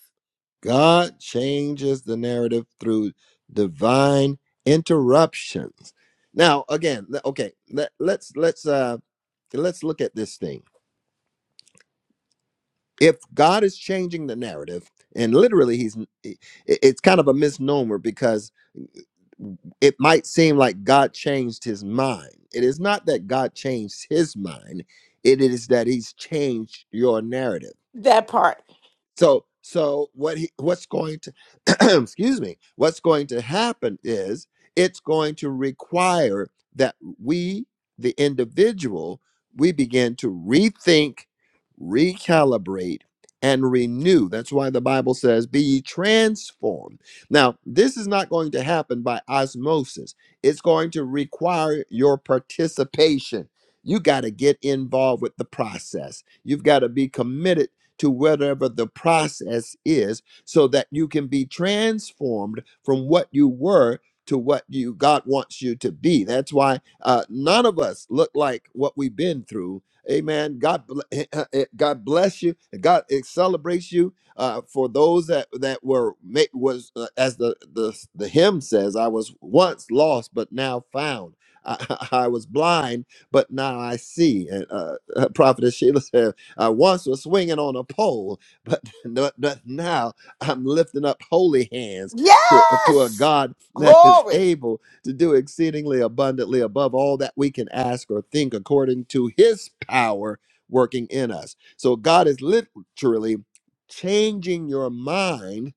God changes the narrative through divine interruptions. Now, again, okay, let, let's let's uh let's look at this thing. If God is changing the narrative, and literally he's it- it's kind of a misnomer because it might seem like God changed his mind. It is not that God changed his mind. It is that he's changed your narrative That part. So so what he what's going to excuse me, what's going to happen is it's going to require that we, the individual, we begin to rethink, recalibrate, and renew. That's why the Bible says, be ye transformed. Now, this is not going to happen by osmosis. It's going to require your participation. You got to get involved with the process. You've got to be committed to whatever the process is so that you can be transformed from what you were to what you God wants you to be. That's why uh, none of us look like what we've been through. Amen. God, bl- God bless you. God eh, celebrates you uh, for those that that were ma- was uh, as the, the the hymn says. I was once lost, but now found. I, I was blind, but now I see. And uh, Prophet Sheila said. I once was swinging on a pole, but, but but now I'm lifting up holy hands to, uh, to a Yes! God that is Glory. able to do exceedingly abundantly above all that we can ask or think according to his power working in us. So God is literally changing your mind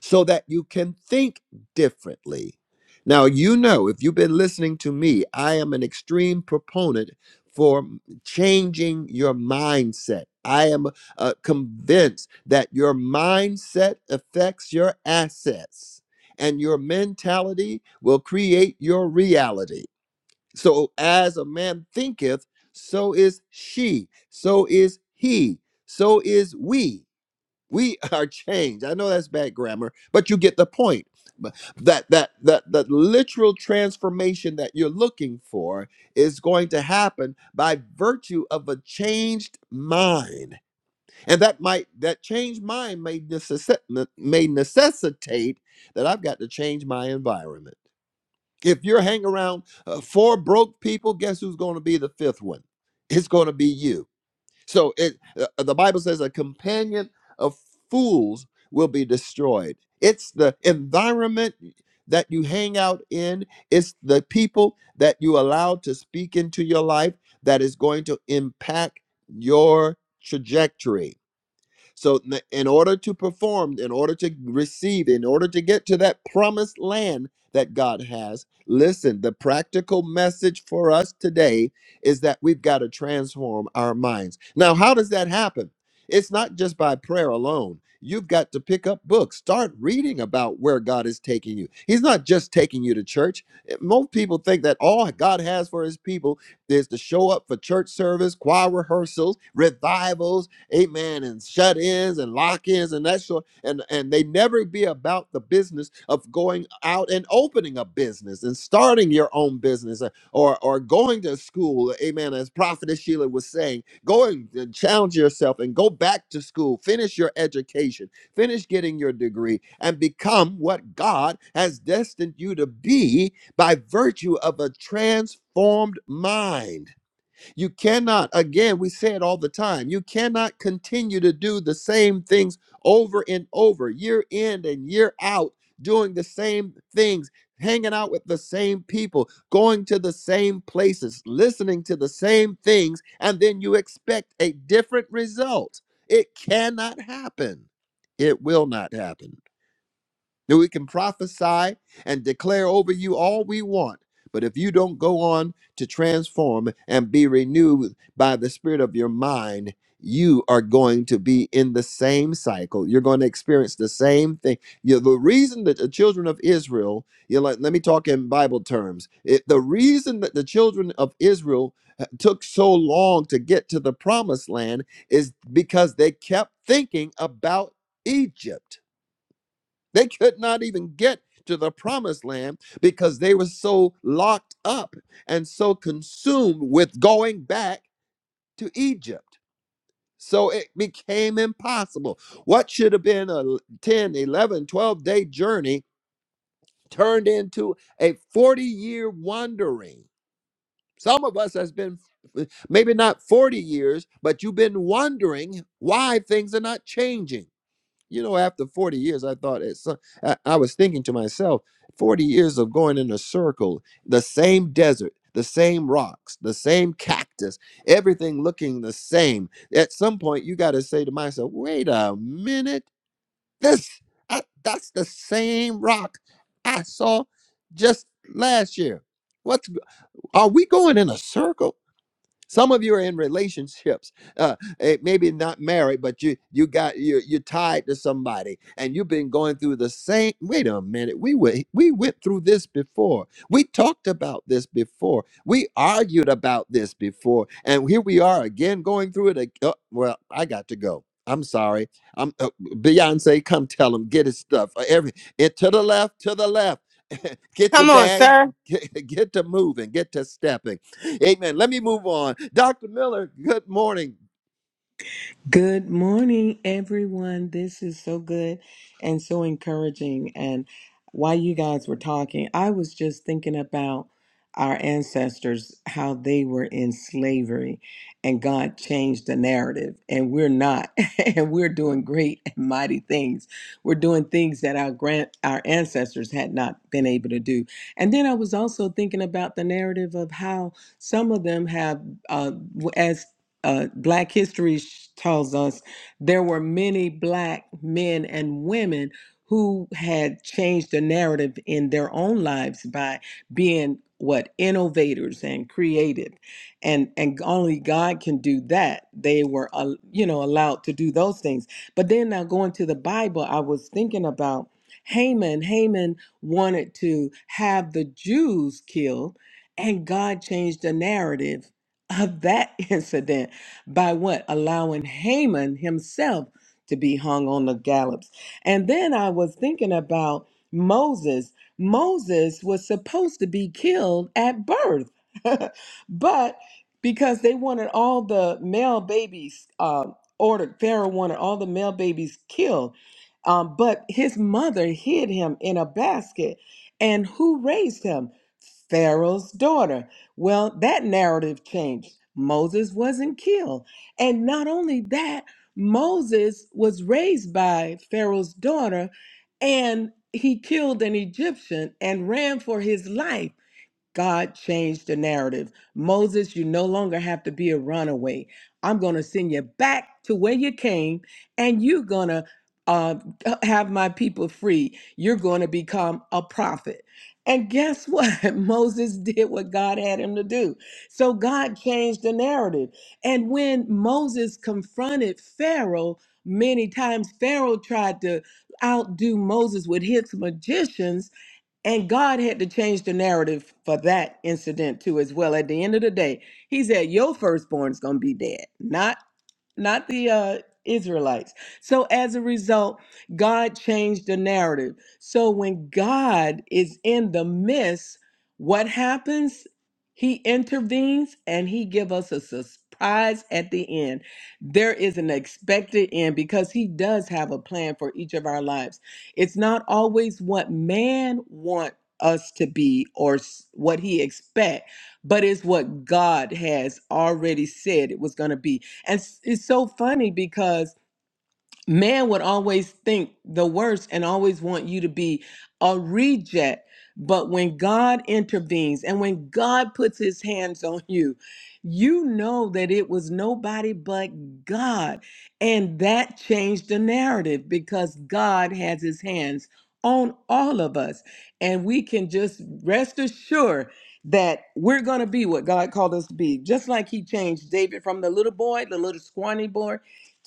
so that you can think differently. Now, you know, if you've been listening to me, I am an extreme proponent for changing your mindset. I am uh, convinced that your mindset affects your assets and your mentality will create your reality. So, as a man thinketh, so is she, so is he, so is we we are changed i know that's bad grammar but you get the point But that that that the literal transformation that you're looking for is going to happen by virtue of a changed mind and that might that changed mind may necessi- ne- may necessitate that i've got to change my environment if you're hanging around uh, four broke people guess who's going to be the fifth one it's going to be you so it uh, uh, the Bible says a companion of fools will be destroyed. It's the environment that you hang out in, it's the people that you allow to speak into your life that is going to impact your trajectory. So, n- in order to perform, in order to receive, in order to get to that promised land that God has, listen, the practical message for us today is that we've got to transform our minds. Now, how does that happen? It's not just by prayer alone. You've got to pick up books, start reading about where God is taking you. He's not just taking you to church. Eh, Most people think that all God has for his people is to show up for church service, choir rehearsals, revivals, amen, and shut ins and lock ins and that sort. And and they never be about the business of going out and opening a business and starting your own business uh, or or going to school, amen. As Prophetess Sheila was saying, go and and challenge yourself and go back to school, finish your education, finish getting your degree, and become what God has destined you to be by virtue of a transformed mind. You cannot, again, we say it all the time, you cannot continue to do the same things over and over, year in and year out, doing the same things, hanging out with the same people, going to the same places, listening to the same things, and then you expect a different result. It cannot happen. It will not happen. That we can prophesy and declare over you all we want. But if you don't go on to transform and be renewed by the spirit of your mind, you are going to be in the same cycle. You're going to experience the same thing. You- the reason that the children of Israel, you let, let me talk in Bible terms. It- the reason that the children of Israel uh, took so long to get to the promised land is because they kept thinking about Egypt. They could not even get to the promised land because they were so locked up and so consumed with going back to Egypt. So it became impossible. What should have been a ten, eleven, twelve day journey turned into a 40 year wandering. Some of us has been maybe not 40 years, but you've been wondering why things are not changing you know, after 40 years, I thought it's, so- I, I was thinking to myself, 40 years of going in a circle, the same desert, the same rocks, the same cactus, everything looking the same. At some point, you got to say to myself, wait a minute, this, I, that's the same rock I saw just last year. What's, g- are we going in a circle? Some of you are in relationships, uh, eh, maybe not married, but you you got you you're tied to somebody, and you've been going through the same. Wait a minute, we went we went through this before. We talked about this before. We argued about this before, and here we are again going through it. ag- Oh, well, I got to go. I'm sorry. I'm uh, Beyonce. Come tell him get his stuff. uh, Every it to the left, to the left. get your Come on, bags. sir. Get, get to moving. Get to stepping Amen. Let me move on. Dr. Miller, good morning. Good morning, everyone. This is so good and so encouraging. And while you guys were talking, I was just thinking about our ancestors, how they were in slavery, and God changed the narrative, and we're not, and we're doing great and mighty things. We're doing things that our grand our ancestors had not been able to do. And then I was also thinking about the narrative of how some of them have, uh, as uh, Black history sh- tells us there were many Black men and women who had changed the narrative in their own lives by being what innovators and creative and and only god can do that they were uh, you know allowed to do those things but then now going to the bible i was thinking about haman haman wanted to have the jews killed and god changed the narrative of that incident by what? Allowing Haman himself to be hung on the gallows. And then I was thinking about Moses. Moses was supposed to be killed at birth, but because they wanted all the male babies uh, ordered, Pharaoh wanted all the male babies killed. Um, but his mother hid him in a basket. And who raised him? Pharaoh's daughter. Well, that narrative changed. Moses wasn't killed. And not only that, Moses was raised by Pharaoh's daughter and he killed an Egyptian and ran for his life. God changed the narrative. Moses, you no longer have to be a runaway. I'm going to send you back to where you came, and you're going to uh, have my people free. You're going to become a prophet. And guess what? Moses did what God had him to do. So God changed the narrative. And when Moses confronted Pharaoh, many times Pharaoh tried to outdo Moses with his magicians and God had to change the narrative for that incident too, as well. At the end of the day, He said, Your firstborn's gonna be dead, not not the uh, Israelites. So as a result, God changed the narrative. So when God is in the midst, what happens? He intervenes and he give us a surprise at the end. There is an expected end because he does have a plan for each of our lives. It's not always what man want us to be or s- what he expect, but it's what God has already said it was going to be. And it's, it's so funny because man would always think the worst and always want you to be a reject. But when God intervenes and when God puts his hands on you, you know that it was nobody but God. And that changed the narrative because God has his hands on all of us. And we can just rest assured that we're going to be what God called us to be. Just like he changed David from the little boy, the little scrawny boy,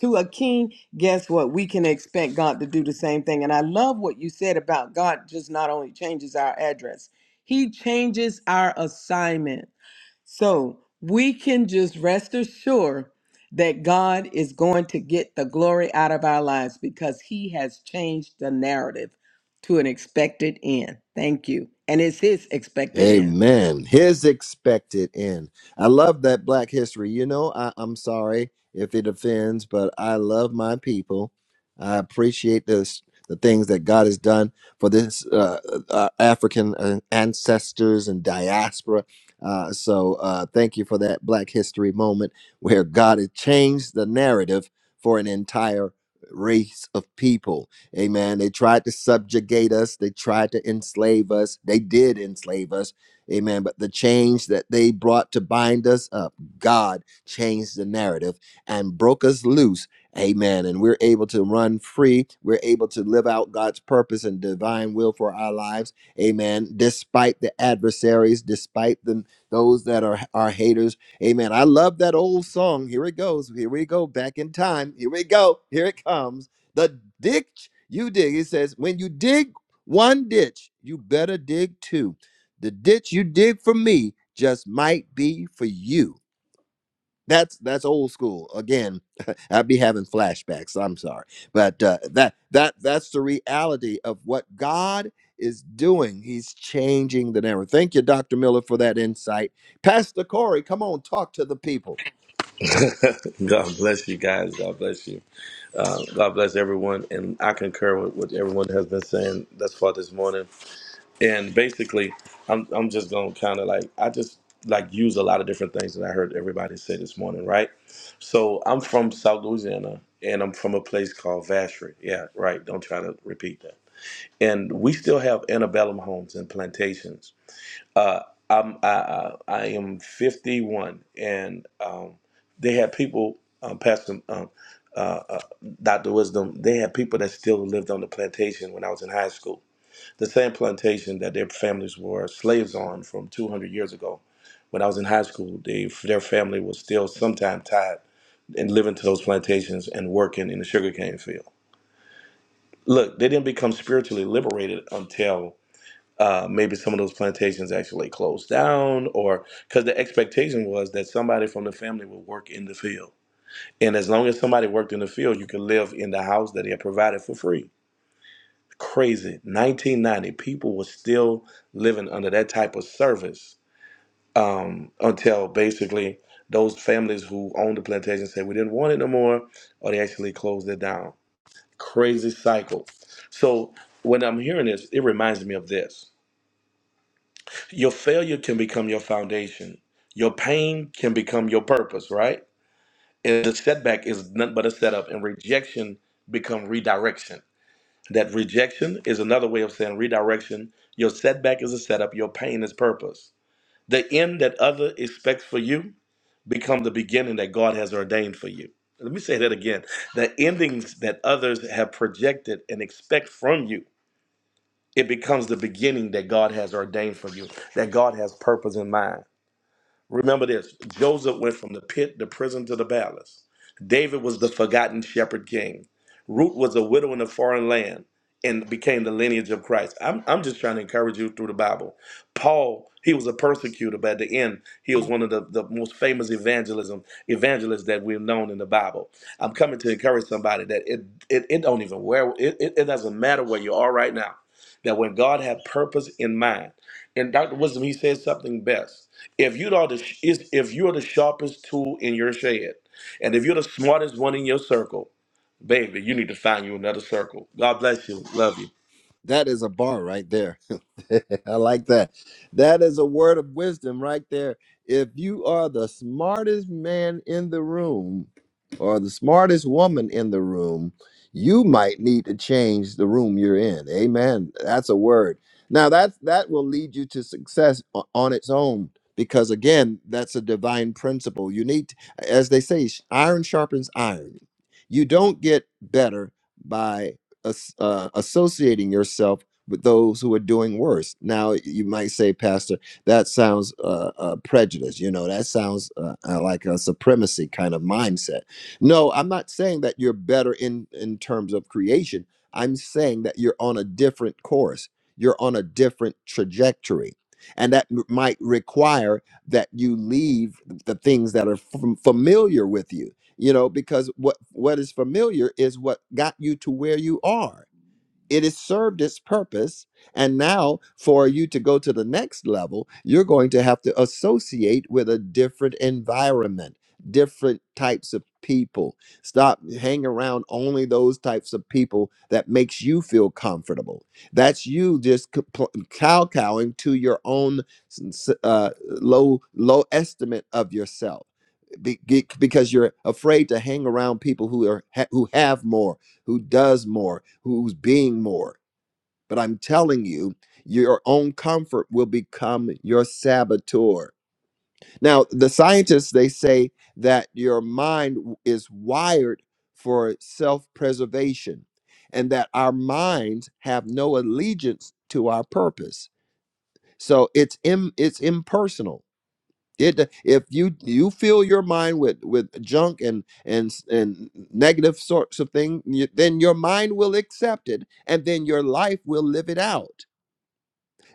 to a king, guess what? We can expect God to do the same thing. And I love what you said about God just not only changes our address, He changes our assignment. So we can just rest assured that God is going to get the glory out of our lives because He has changed the narrative to an expected end. Thank you. And it's His expected end. Amen. His expected end. I love that Black history. You know, I, I'm sorry if it offends, but I love my people. I appreciate this, the things that God has done for this uh, uh, African uh, ancestors and diaspora. Uh, so uh, thank you for that Black history moment where God has changed the narrative for an entire race of people. Amen. They tried to subjugate us, they tried to enslave us. They did enslave us. Amen. But the change that they brought to bind us up, God changed the narrative and broke us loose. Amen. And we're able to run free. We're able to live out God's purpose and divine will for our lives. Amen. Despite the adversaries, despite them, those that are, are haters. Amen. I love that old song. Here it goes. Here we go. Back in time. Here we go. Here it comes. The ditch you dig, it says, when you dig one ditch, you better dig two. The ditch you dig for me just might be for you. That's that's old school. Again, I'd be having flashbacks. I'm sorry, but uh, that that that's the reality of what God is doing. He's changing the narrative. Thank you, Dr. Miller, for that insight. Pastor Corey, come on, talk to the people. God bless you guys. God bless you. Uh, God bless everyone. And I concur with what everyone has been saying thus far this morning. And basically, I'm I'm just gonna kind of like I just like use a lot of different things that I heard everybody say this morning, right? So I'm from South Louisiana, and I'm from a place called Vacherie. Yeah, right. Don't try to repeat that. And we still have antebellum homes and plantations uh, I'm I, I I am 51, and um, they had people, um, Pastor um, uh, uh, Doctor Wisdom. They had people that still lived on the plantation when I was in high school. The same plantation that their families were slaves on from 200 years ago. When I was in high school, they their family was still sometime tied and living to those plantations and working in the sugarcane field. Look, they didn't become spiritually liberated until uh, maybe some of those plantations actually closed down, or because the expectation was that somebody from the family would work in the field. And as long as somebody worked in the field, you could live in the house that they had provided for free. Crazy. 1990, people were still living under that type of service um, until basically those families who owned the plantation said we didn't want it no more, or they actually closed it down. Crazy cycle. So when I'm hearing this, it reminds me of this. Your failure can become your foundation. Your pain can become your purpose, right? And the setback is nothing but a setup, and rejection become redirection. That rejection is another way of saying redirection. Your setback is a setup, your pain is purpose. The end that other expects for you become the beginning that God has ordained for you. Let me say that again. The endings that others have projected and expect from you, it becomes the beginning that God has ordained for you, that God has purpose in mind. Remember this Joseph went from the pit, the prison, to the palace. David was the forgotten shepherd king. Ruth was a widow in a foreign land and became the lineage of Christ. I'm, I'm just trying to encourage you through the Bible. Paul, he was a persecutor, but at the end, he was one of the, the most famous evangelism evangelists that we've known in the Bible. I'm coming to encourage somebody that it it, it don't even where it, it, it doesn't matter where you are right now. That when God had purpose in mind, and Dr. Wisdom, he said something best. If you are the is- if you're the sharpest tool in your shed, and if you're the smartest one in your circle, baby, you need to find you another circle. God bless you. Love you. That is a bar right there. I like that. That is a word of wisdom right there. If you are the smartest man in the room or the smartest woman in the room, you might need to change the room you're in. Amen. That's a word. Now that's that will lead you to success o- on its own because again, that's a divine principle. You need as they say iron sharpens iron. You don't get better by uh, associating yourself with those who are doing worse. Now, you might say, Pastor, that sounds uh, uh, prejudice. You know, that sounds uh, uh, like a supremacy kind of mindset. No, I'm not saying that you're better in in terms of creation. I'm saying that you're on a different course. You're on a different trajectory, and that m- might require that you leave the things that are f- familiar with you you know because what what is familiar is what got you to where you are it has served its purpose. And now, for you to go to the next level, you're going to have to associate with a different environment, different types of people. Stop hanging around only those types of people that makes you feel comfortable. That's you just c- pl- cow-cowing to your own s- s- uh, low low estimate of yourself. Be- be- because you're afraid to hang around people who are ha- who have more who does more, who's being more. But I'm telling you, your own comfort will become your saboteur. Now, the scientists they say that your mind w- is wired for self-preservation and that our minds have no allegiance to our purpose. So it's im- it's impersonal it if you you fill your mind with with junk and and s- and negative sorts of things, then your mind will accept it, and then your life will live it out.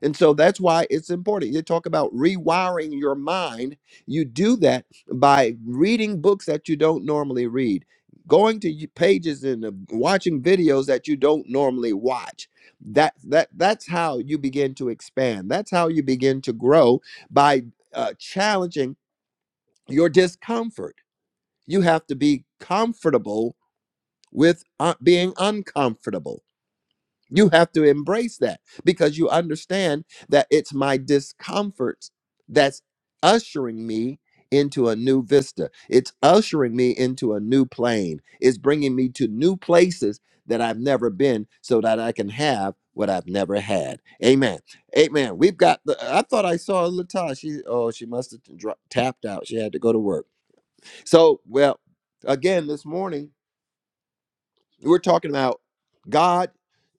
And so that's why it's important. You talk about rewiring your mind. You do that by reading books that you don't normally read, going to y- pages and uh, watching videos that you don't normally watch. That that that's how you begin to expand. That's how you begin to grow by uh, challenging your discomfort. You have to be comfortable with uh, being uncomfortable. You have to embrace that because you understand that it's my discomfort that's ushering me into a new vista. It's ushering me into a new plane. It's bringing me to new places that I've never been so that I can have what I've never had. Amen. Amen. We've got the I thought I saw Latasha. She oh, she must have dro- tapped out. She had to go to work. So, well, again, this morning, we're talking about God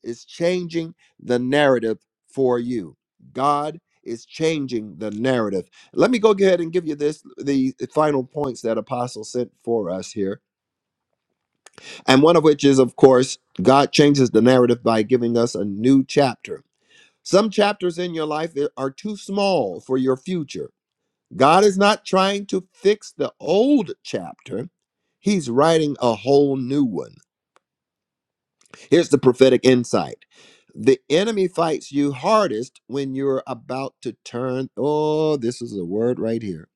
is changing the narrative for you. God is changing the narrative. Let me go ahead and give you this the final points that Apostle sent for us here. And one of which is, of course, God changes the narrative by giving us a new chapter. Some chapters in your life are too small for your future. God is not trying to fix the old chapter, He's writing a whole new one. Here's the prophetic insight. The enemy fights you hardest when you're about to turn. Oh, this is a word right here.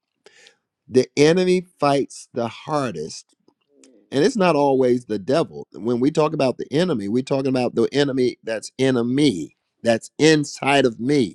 The enemy fights the hardest. And it's not always the devil. When we talk about the enemy, we're talking about the enemy that's in a me, that's inside of me.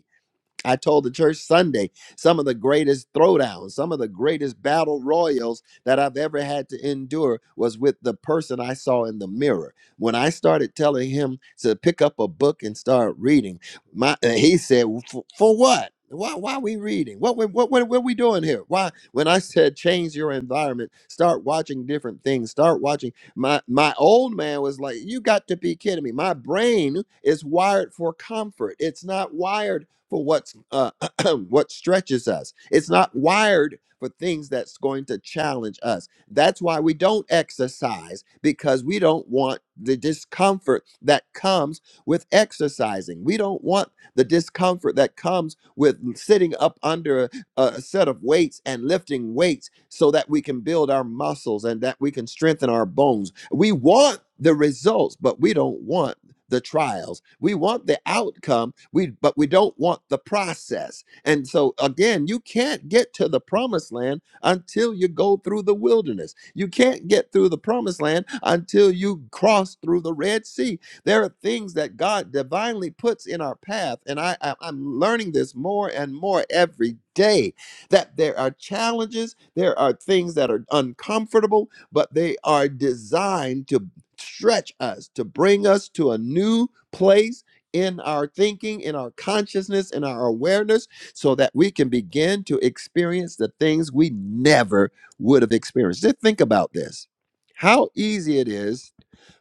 I told the church Sunday some of the greatest throwdowns, some of the greatest battle royals that I've ever had to endure was with the person I saw in the mirror. When I started telling him to pick up a book and start reading, my and he said, "For for what? Why? Why are we reading? What? What? What? What? are we doing here? Why?" When I said, "Change your environment, start watching different things, start watching," my my old man was like, "You got to be kidding me! My brain is wired for comfort. It's not wired." for what's uh, what stretches us. It's not wired for things that's going to challenge us. That's why we don't exercise because we don't want the discomfort that comes with exercising. We don't want the discomfort that comes with sitting up under a, a set of weights and lifting weights so that we can build our muscles and that we can strengthen our bones. We want the results, but we don't want the trials. We want the outcome, we but we don't want the process. And so again, you can't get to the promised land until you go through the wilderness. You can't get through the promised land until you cross through the Red Sea. There are things that God divinely puts in our path, and I, I I'm learning this more and more every day that there are challenges, there are things that are uncomfortable, but they are designed to stretch us to bring us to a new place in our thinking, in our consciousness, in our awareness, so that we can begin to experience the things we never would have experienced. Just think about this how easy it is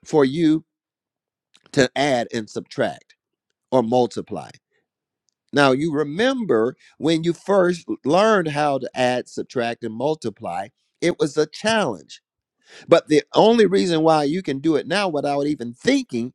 for you to add and subtract or multiply. Now, you remember when you first learned how to add, subtract, and multiply, it was a challenge but the only reason why you can do it now without even thinking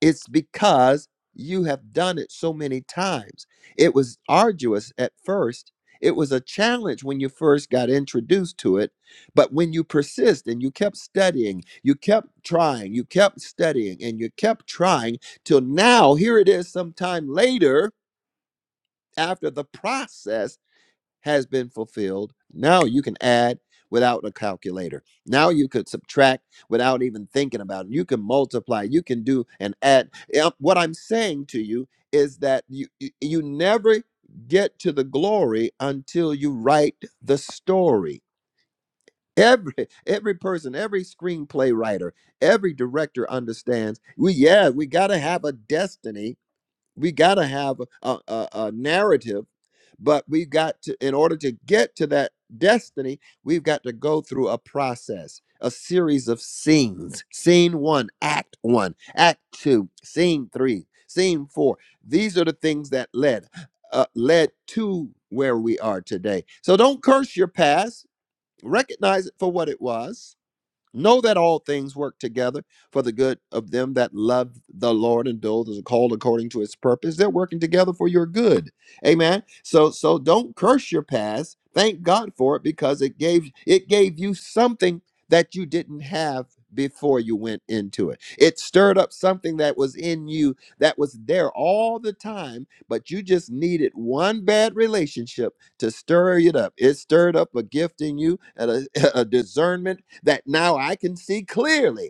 is because you have done it so many times. It was arduous at first. It was a challenge when you first got introduced to it. But when you persist and you kept studying, you kept trying, you kept studying, and you kept trying till now, here it is sometime later after the process has been fulfilled. Now you can add without a calculator. Now you could subtract without even thinking about it. You can multiply. You can do and add. Yeah, What I'm saying to you is that you you you never get to the glory until you write the story. Every every person, every screenplay writer, every director understands. We yeah, we got to have a destiny we got to have a, a, a narrative but we've got to in order to get to that destiny we've got to go through a process a series of scenes scene one act one act two scene three scene four these are the things that led uh, led to where we are today so don't curse your past recognize it for what it was Know that all things work together for the good of them that love the Lord and those are called according to his purpose. They're working together for your good. Amen. So so don't curse your past. Thank God for it because it gave it gave you something that you didn't have before you went into it. It stirred up something that was in you that was there all the time, but you just needed one bad relationship to stir it up. It stirred up a gift in you and a, a discernment that now I can see clearly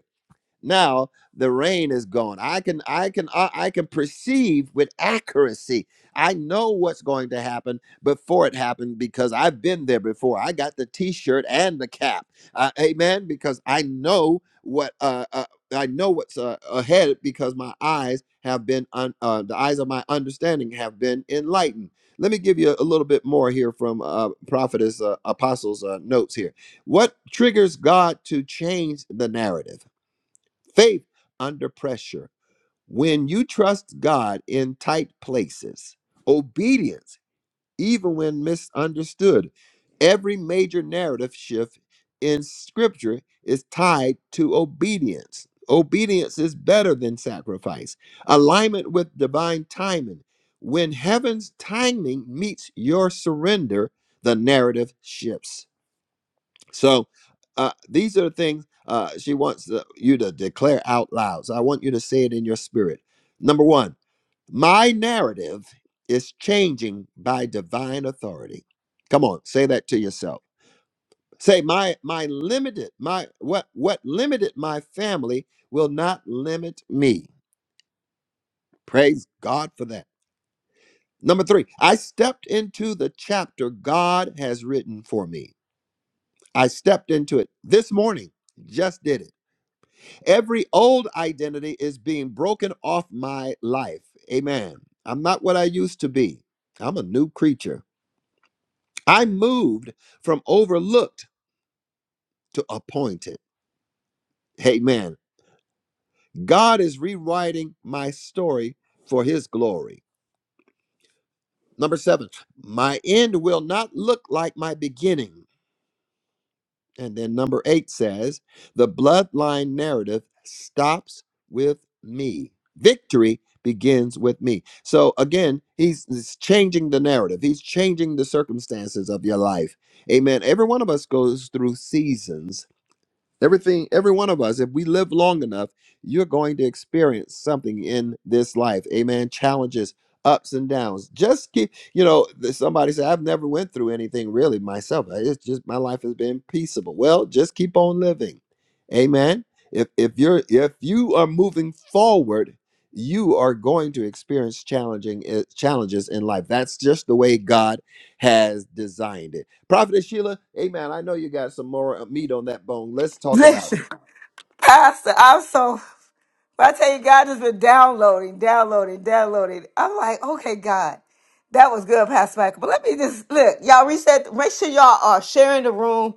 now the rain is gone i can i can i, I can perceive with accuracy i know what's going to happen before it happened because i've been there before i got the t-shirt and the cap uh, amen because i know what uh, uh i know what's uh, ahead because my eyes have been un- uh, the eyes of my understanding have been enlightened let me give you a little bit more here from uh, prophetess uh, apostles uh, notes here what triggers god to change the narrative Faith under pressure. When you trust God in tight places, obedience, even when misunderstood. Every major narrative shift in scripture is tied to obedience. Obedience is better than sacrifice. Alignment with divine timing. When heaven's timing meets your surrender, the narrative shifts. So uh, these are the things uh, she wants the- you to declare out loud. So I want you to say it in your spirit. Number one, my narrative is changing by divine authority. Come on, say that to yourself. Say my my limited my what what limited my family will not limit me. Praise God for that. Number 3. I stepped into the chapter God has written for me. I stepped into it this morning. Just did it. Every old identity is being broken off my life. Amen. I'm not what I used to be. I'm a new creature. I moved from overlooked to appointed. Amen. God is rewriting my story for his glory. Number seven, my end will not look like my beginning. And then number eight says, the bloodline narrative stops with me. Victory begins with me. So again, he's, he's changing the narrative, he's changing the circumstances of your life. Amen. Every one of us goes through seasons Everything, every one of us, if we live long enough, you're going to experience something in this life. Amen. Challenges, ups and downs. Just keep, you know, th- somebody said, I've never went through anything really myself. I- It's just my life has been peaceable. Well, just keep on living. Amen. If if you're if you are moving forward, you are going to experience challenging eh, challenges in life. That's just the way God has designed it. Prophetess Sheila, amen. I know you got some more uh, meat on that bone. Let's talk about Listen. Pastor, I'm so But I tell you, God has been downloading, downloading, downloading. I'm like, okay, God, that was good, Pastor Michael. But let me just look, y'all reset. Make sure y'all are sharing the room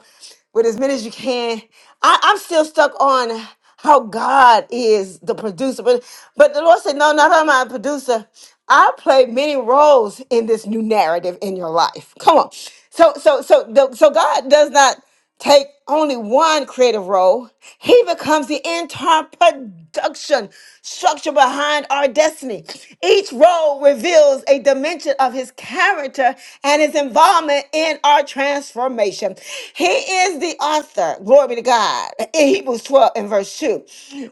with as many as you can. I, I'm still stuck on how God is the producer, but but the Lord said, no, not I'm a producer. I play many roles in this new narrative in your life. Come on. So so so the, so God does not take only one creative role, he becomes the entire production structure behind our destiny. Each role reveals a dimension of his character and his involvement in our transformation. He is the author, glory be to God, in Hebrews 12 and verse 2.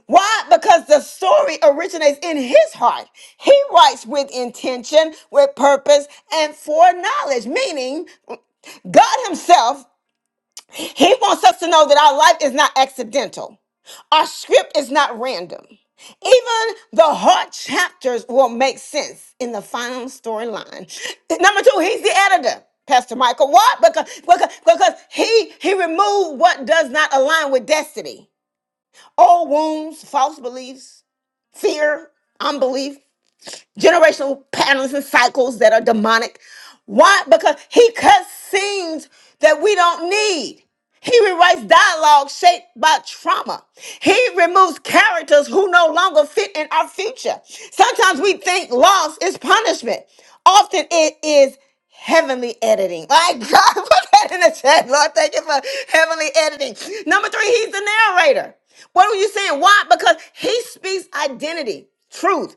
Why? Because the story originates in his heart. He writes with intention, with purpose, and foreknowledge, meaning God Himself he wants us to know that our life is not accidental. Our script is not random. Even the hard chapters will make sense in the final storyline. Number two, he's the editor. Pastor Michael, what? Because, because, because he he removed what does not align with destiny. Old wounds, false beliefs, fear, unbelief generational patterns and cycles that are demonic. Why? Because he cuts scenes that we don't need. He rewrites dialogue shaped by trauma. He removes characters who no longer fit in our future. Sometimes we think loss is punishment. Often it is heavenly editing. My God, put that in the chat. Lord, thank you for heavenly editing. Number three, he's the narrator. What are you saying? Why? Because he speaks identity truth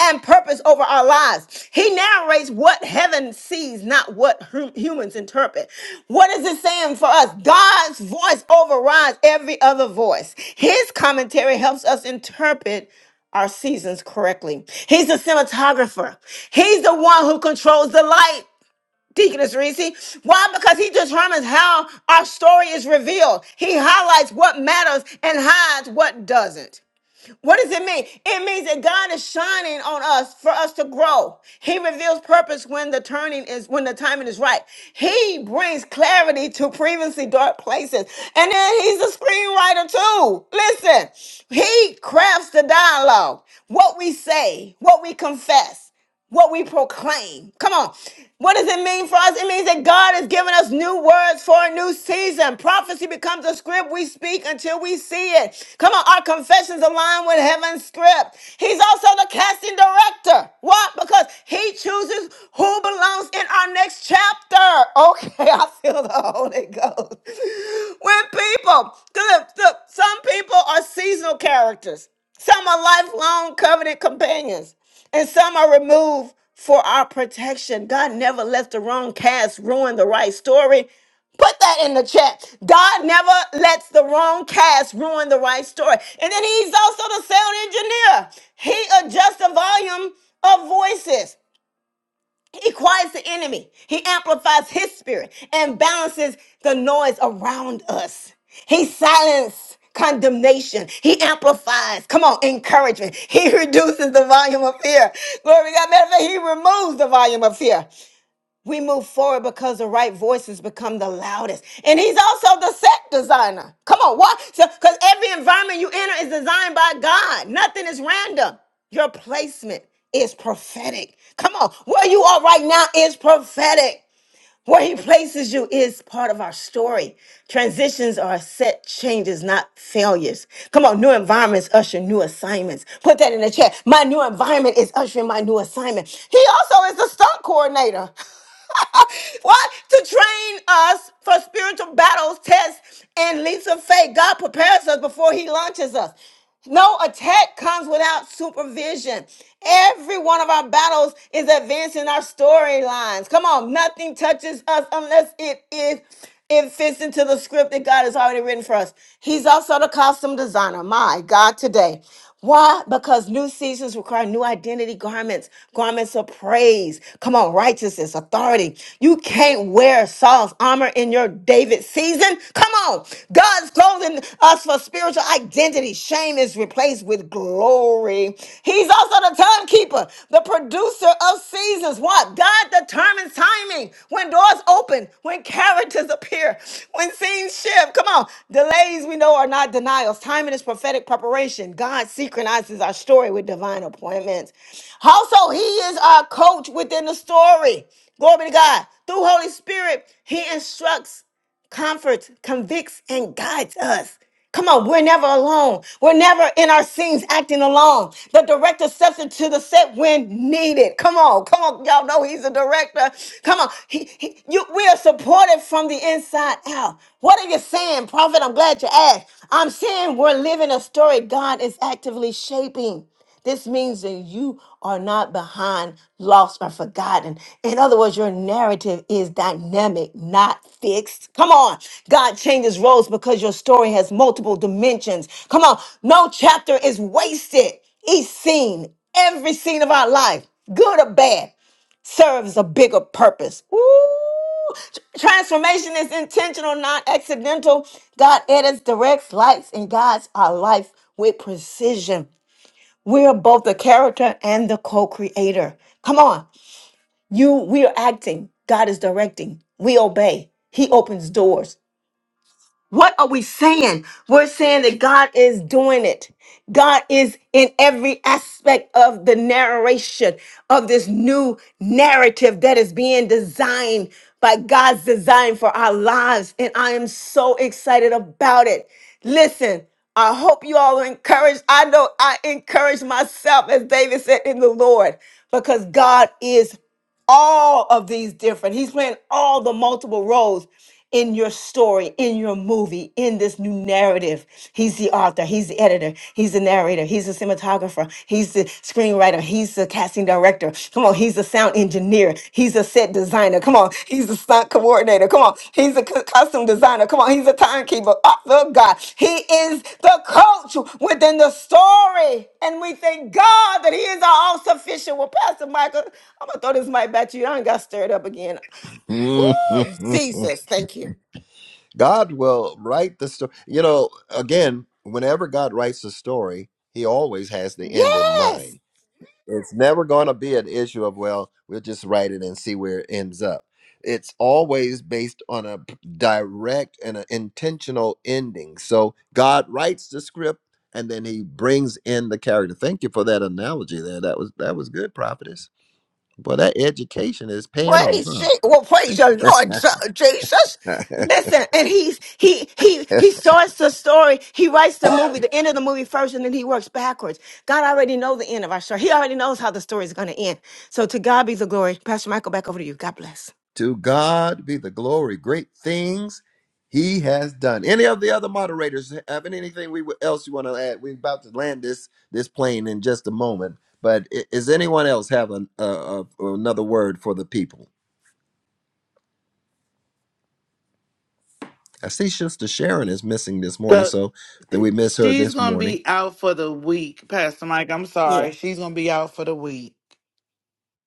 and purpose over our lives. He narrates what heaven sees, not what hum- humans interpret. What is it saying for us? God's voice overrides every other voice. His commentary helps us interpret our seasons correctly. He's the cinematographer. He's the one who controls the light. Deaconess Reese. Why? Because he determines how our story is revealed. He highlights what matters and hides what doesn't. What does it mean? It means that God is shining on us for us to grow. He reveals purpose when the turning is when the timing is right. He brings clarity to previously dark places. And then he's a screenwriter too. Listen, he crafts the dialogue, what we say, what we confess what we proclaim. Come on. What does it mean for us? It means that God has given us new words for a new season. Prophecy becomes a script we speak until we see it. Come on, our confessions align with heaven's script. He's also the casting director. What? Because he chooses who belongs in our next chapter. Okay, I feel the Holy Ghost. When people, look, look, some people are seasonal characters. Some are lifelong covenant companions and some are removed for our protection. God never lets the wrong cast ruin the right story. Put that in the chat. God never lets the wrong cast ruin the right story. And then he's also the sound engineer. He adjusts the volume of voices. He quiets the enemy. He amplifies his spirit and balances the noise around us. He silences condemnation. He amplifies, come on, encouragement. He reduces the volume of fear. Glory to God. Matter of fact, he removes the volume of fear. We move forward because the right voices become the loudest. And he's also the set designer. Come on, what? Because every environment you enter is designed by God, nothing is random. Your placement is prophetic. Come on, where you are right now is prophetic. Where he places you is part of our story. Transitions are set changes, not failures. Come on, new environments usher new assignments. Put that in the chat. My new environment is ushering my new assignment. He also is the stunt coordinator. what? To train us for spiritual battles, tests, and leaps of faith. God prepares us before He launches us. No attack comes without supervision. Every one of our battles is advancing our storylines. Come on, nothing touches us unless it is it fits into the script that God has already written for us. He's also the costume designer. My God, today. Why? Because new seasons require new identity garments, garments of praise. Come on, righteousness, authority. You can't wear Saul's armor in your David season. Come on. God's clothing us for spiritual identity. Shame is replaced with glory. He's also the timekeeper, the producer of seasons. Jesus. What? God determines timing. When doors open, when characters appear, when scenes shift. Come on. Delays we know are not denials. Timing is prophetic preparation. God synchronizes our story with divine appointments. Also, He is our coach within the story. Glory to God. Through Holy Spirit, He instructs comforts, convicts, and guides us. Come on, we're never alone. We're never in our scenes acting alone. The director steps into the set when needed. Come on, come on, y'all know he's a director. Come on, he, he- you, we are supported from the inside out. What are you saying, Prophet? I'm glad you asked. I'm saying we're living a story God is actively shaping. This means that you are not behind, lost, or forgotten. In other words, your narrative is dynamic, not fixed. Come on. God changes roles because your story has multiple dimensions. Come on. No chapter is wasted. Each scene, every scene of our life, good or bad, serves a bigger purpose. Ooh. Transformation is intentional, not accidental. God edits, directs, lights, and guides our life with precision. We are both the character and the co-creator. Come on. You we are acting. God is directing. We obey. He opens doors. What are we saying? We're saying that God is doing it. God is in every aspect of the narration of this new narrative that is being designed by God's design for our lives. And I am so excited about it. Listen, I hope you all are encouraged. I know I encourage myself, as David said, in the Lord, because God is all of these different. He's playing all the multiple roles in your story, in your movie, in this new narrative. He's the author, he's the editor, he's the narrator, he's the cinematographer, he's the screenwriter, he's the casting director. Come on, he's the sound engineer, he's the set designer. Come on, he's the stunt coordinator. Come on, he's the co- costume designer. Come on, he's the timekeeper. Oh, the God, he is the coach within the story. And we thank God that he is all sufficient. Well, Pastor Michael, I'm gonna throw this mic back to you. I done got stirred up again. it. Ooh, Mhm. Jesus, thank you. God will write the story. You know, again, whenever God writes a story, he always has the end in Yes. mind. It's never going to be an issue of, well, we'll just write it and see where it ends up. It's always based on a p- direct and an intentional ending. So God writes the script and then he brings in the character. Thank you for that analogy there. That was that was good, prophetess. Boy, that education is paying off, Praise Je- well, praise your Lord Je- Jesus. huh? Listen, and he's he he he starts the story. He writes the movie, the end of the movie first, and then he works backwards. God already knows the end of our story. He already knows how the story is going to end. So to God be the glory. Pastor Michael, back over to you. God bless. to God be the glory. Great things He has done. Any of the other moderators having anything we else you want to add? We're about to land this this plane in just a moment. But i- is anyone else have an, uh, uh, another word for the people? I see Sister Sharon is missing this morning, So so then eh, we miss her she's this going to morning. be out for the week, Pastor Mike. I'm sorry. Yeah. She's going to be out for the week.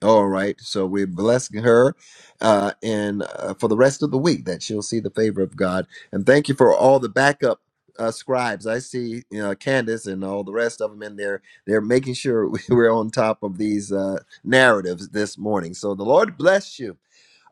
All right. So we're blessing her uh, and uh, for the rest of the week that she'll see the favor of God. And thank you for all the backup uh, scribes. I see you know, Candace and all the rest of them in there. They're making sure we're on top of these uh, narratives this morning. So the Lord bless you.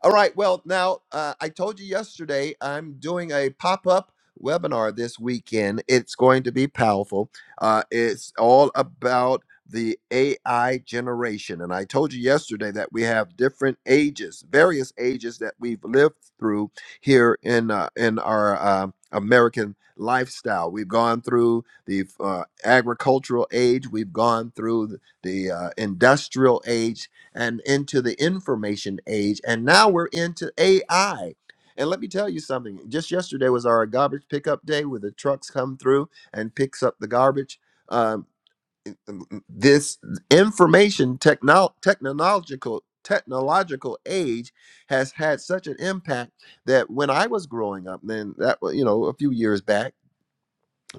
All right. Well, now uh, I told you yesterday I'm doing a pop up webinar this weekend. It's going to be powerful. Uh, it's all about the AI generation. And I told you yesterday that we have different ages, various ages that we've lived through here in, uh, in our um American lifestyle. We've gone through the uh, agricultural age, we've gone through the uh, industrial age, and into the information age. And now we're into AI. And let me tell you something. Just yesterday was our garbage pickup day where the trucks come through and picks up the garbage. Um, it- m- m- this information technol technological technological age has had such an impact that when I was growing up, then that wa- you know a few years back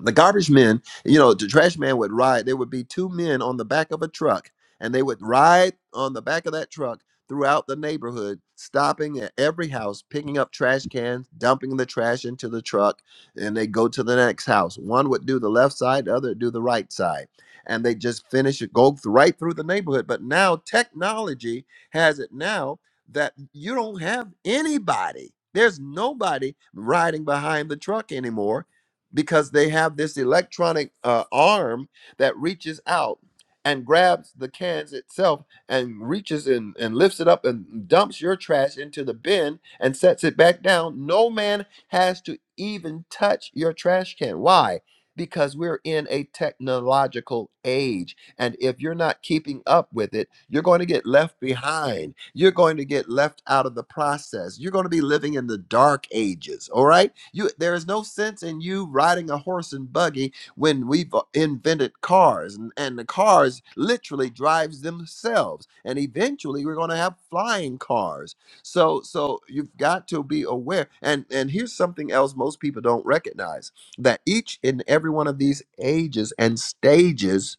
the garbage men, you know, the trash man would ride. There would be two men on the back of a truck, and they would ride on the back of that truck throughout the neighborhood, stopping at every house, picking up trash cans, dumping the trash into the truck, and they go to the next house. One would do the left side, the other would do the right side. And they just finish it, go th- right through the neighborhood. But now technology has it now that you don't have anybody. There's nobody riding behind the truck anymore because they have this electronic uh, arm that reaches out and grabs the cans itself and reaches in and lifts it up and dumps your trash into the bin and sets it back down. No man has to even touch your trash can. Why? Because we're in a technological age. And if you're not keeping up with it, you're going to get left behind. You're going to get left out of the process. You're going to be living in the dark ages. All right. You there is no sense in you riding a horse and buggy when we've uh, invented cars and, and the cars literally drives themselves. And eventually we're going to have flying cars. So so you've got to be aware. And and here's something else most people don't recognize that each and every one of these ages and stages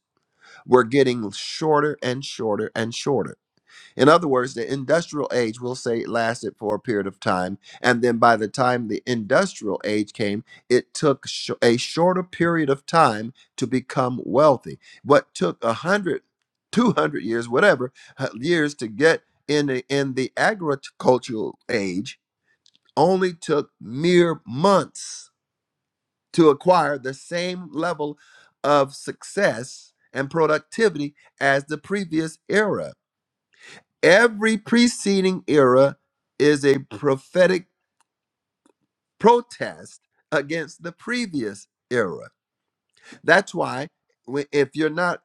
were getting shorter and shorter and shorter. In other words, the industrial age, we'll say, it lasted for a period of time. And then by the time the industrial age came, it took sh- a shorter period of time to become wealthy. What took a hundred, two hundred years, whatever uh, years to get in the, in the agricultural age only took mere months to acquire the same level of success and productivity as the previous era. Every preceding era is a prophetic protest against the previous era. That's why wh- if you're not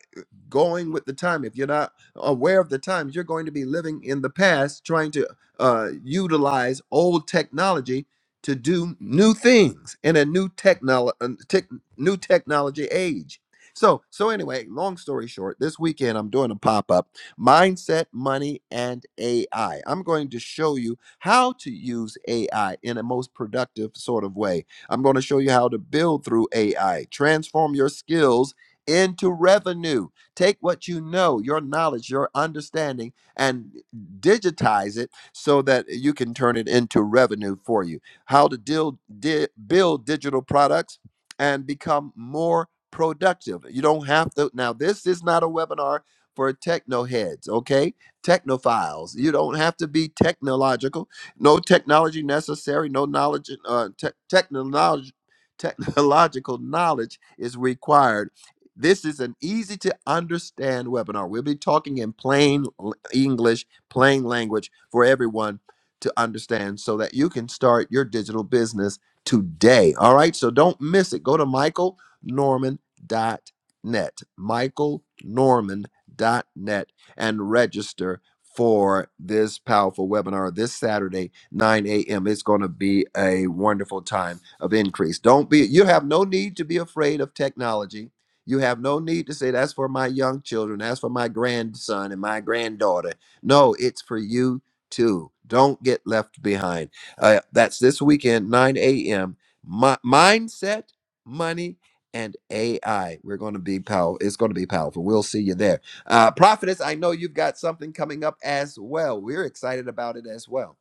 going with the time. If you're not aware of the times, you're going to be living in the past, trying to uh, utilize old technology to do new things in a new technolo- uh, tech- new technology age. So, so anyway, long story short, this weekend I'm doing a pop-up, mindset, money, and AI. I'm going to show you how to use AI in a most productive sort of way. I'm going to show you how to build through AI, transform your skills into revenue. Take what you know, your knowledge, your understanding, and digitize it so that you can turn it into revenue for you. How to deal, di- build digital products and become more productive. You don't have to. Now, this is not a webinar for techno heads, okay? Technophiles. You don't have to be technological. No technology necessary. No knowledge. Uh, te- technology. Technological knowledge is required this is an easy to understand webinar. We'll be talking in plain l- English, plain language for everyone to understand so that you can start your digital business today. All right, so don't miss it. Go to michael norman dot net, michael norman dot net, and register for this powerful webinar this Saturday, 9 a.m. It's going to be a wonderful time of increase. Don't be, you have no need to be afraid of technology you have no need to say, That's for my young children. That's for my grandson and my granddaughter. No, it's for you too. Don't get left behind. Uh, that's this weekend, 9 a.m. Mi- mindset, money, and AI. We're going to be powerful. It's going to be powerful. We'll see you there. Uh, Prophetess, I know you've got something coming up as well. We're excited about it as well.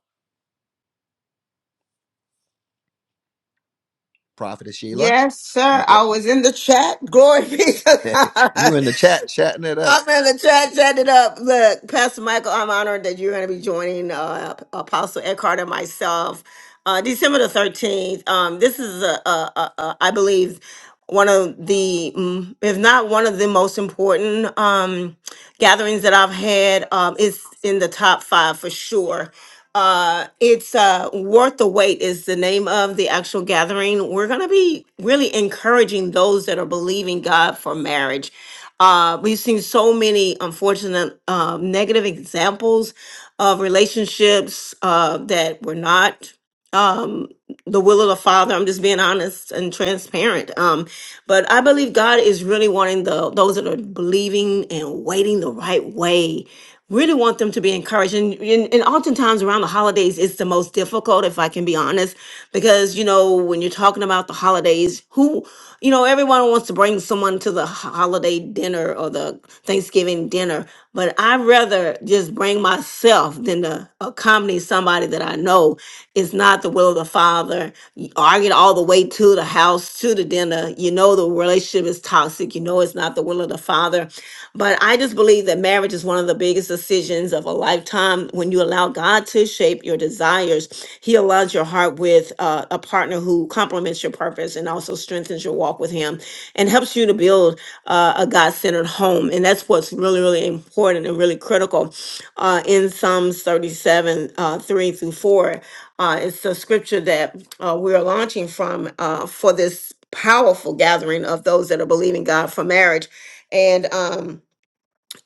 Prophetess Sheila, Yes, sir. I was in the chat. Glory be to God. you in the chat, chatting it up. I'm in the chat, chat up. Look, Pastor Michael, I'm honored that you're going to be joining uh, Apostle Eckhart and myself uh, December the 13th. Um, this is, a, a, a, a, I believe, one of the, mm, if not one of the most important um, gatherings that I've had. Um, it's in the top five for sure. Uh, it's uh, worth the wait is the name of the actual gathering. We're gonna be really encouraging those that are believing God for marriage. Uh, we've seen so many unfortunate uh, negative examples of relationships uh, that were not um, the will of the Father. I'm just being honest and transparent. Um, but I believe God is really wanting the those that are believing and waiting the right way. Really want them to be encouraged, and, and and oftentimes around the holidays, it's the most difficult, if I can be honest, because you know when you're talking about the holidays, who you know, everyone wants to bring someone to the holiday dinner or the Thanksgiving dinner, but I'd rather just bring myself than to accompany somebody that I know is not the will of the Father. You Argue all the way to the house, to the dinner. You know, the relationship is toxic. You know, it's not the will of the Father. But I just believe that marriage is one of the biggest decisions of a lifetime. When you allow God to shape your desires, He aligns your heart with uh, a partner who complements your purpose and also strengthens your walk with Him and helps you to build uh, a God centered home. And that's what's really, really important and really critical. Uh, in Psalms 37 uh, 3 through 4, uh, it's the scripture that uh, we're launching from uh, for this powerful gathering of those that are believing God for marriage. And um,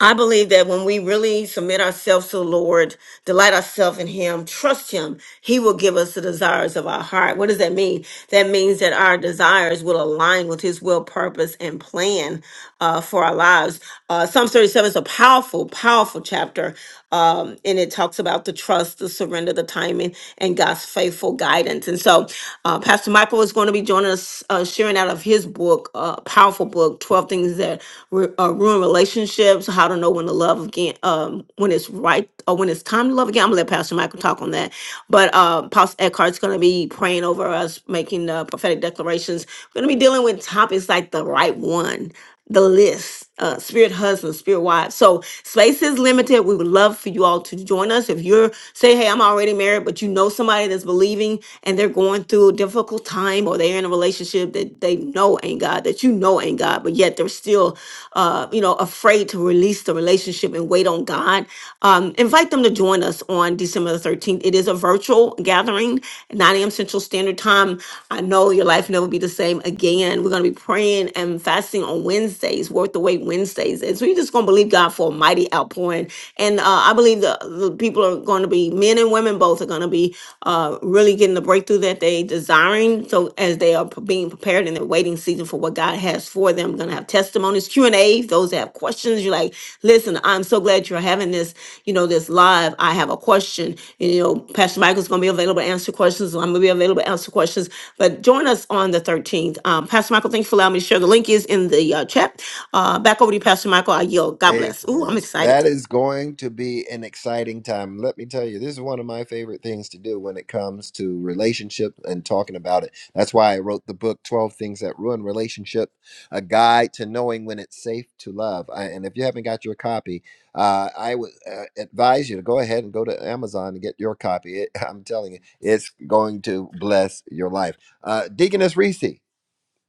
I believe that when we really submit ourselves to the Lord, delight ourselves in Him, trust Him, He will give us the desires of our heart. What does that mean? That means that our desires will align with His will, purpose, and plan uh, for our lives. Uh, Psalms 37 is a powerful, powerful chapter, um, and it talks about the trust, the surrender, the timing, and God's faithful guidance. And so, uh, Pastor Michael is going to be joining us, uh, sharing out of his book, uh, powerful book, 12 Things That Ru- uh, Ruin Relationships, How to Know When to Love Again, um, when it's right, or when it's time to love again. I'm going to let Pastor Michael talk on that. But uh, Pastor Eckhart's going to be praying over us, making uh, prophetic declarations. We're going to be dealing with topics like the right one the list uh, spirit husbands spirit wives so space is limited we would love for you all to join us if you're say hey i'm already married but you know somebody that's believing and they're going through a difficult time or they're in a relationship that they know ain't god that you know ain't god but yet they're still uh, you know afraid to release the relationship and wait on god um, invite invite them to join us on December the 13th. It is a virtual gathering, 9 a.m. Central Standard Time. I know your life never be the same again. We're going to be praying and fasting on Wednesdays, worth the wait Wednesdays. And so you're just going to believe God for a mighty outpouring. And uh, I believe the, the people are going to be, men and women both, are going to be uh, really getting the breakthrough that they desiring. So as they are being prepared in their waiting season for what God has for them, gonna have testimonies, Q and A. Those that have questions, you're like, listen, I'm so glad you're having this, you know, this live. I have a question. And, you know, Pastor Michael's gonna be available to answer questions. I'm gonna be available to answer questions. But join us on the 13th. Um, Pastor Michael, thank you for allowing me to share. The link is in the uh, chat. Uh, back over to you, Pastor Michael. I yield. God bless. Ooh, I'm Amen. excited. That is going to be an exciting time. Let me tell you, this is one of my favorite things to do when it comes to relationship and talking about it. That's why I wrote the book 12 Things That Ruin Relationship, a guide to knowing when it's safe to love. I, and if you haven't got your copy, uh, I would uh, advise you to go ahead and go to Amazon and get your copy. It, I'm telling you, it's going to bless your life. Uh, Deaconess Reese,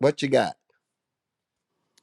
what you got?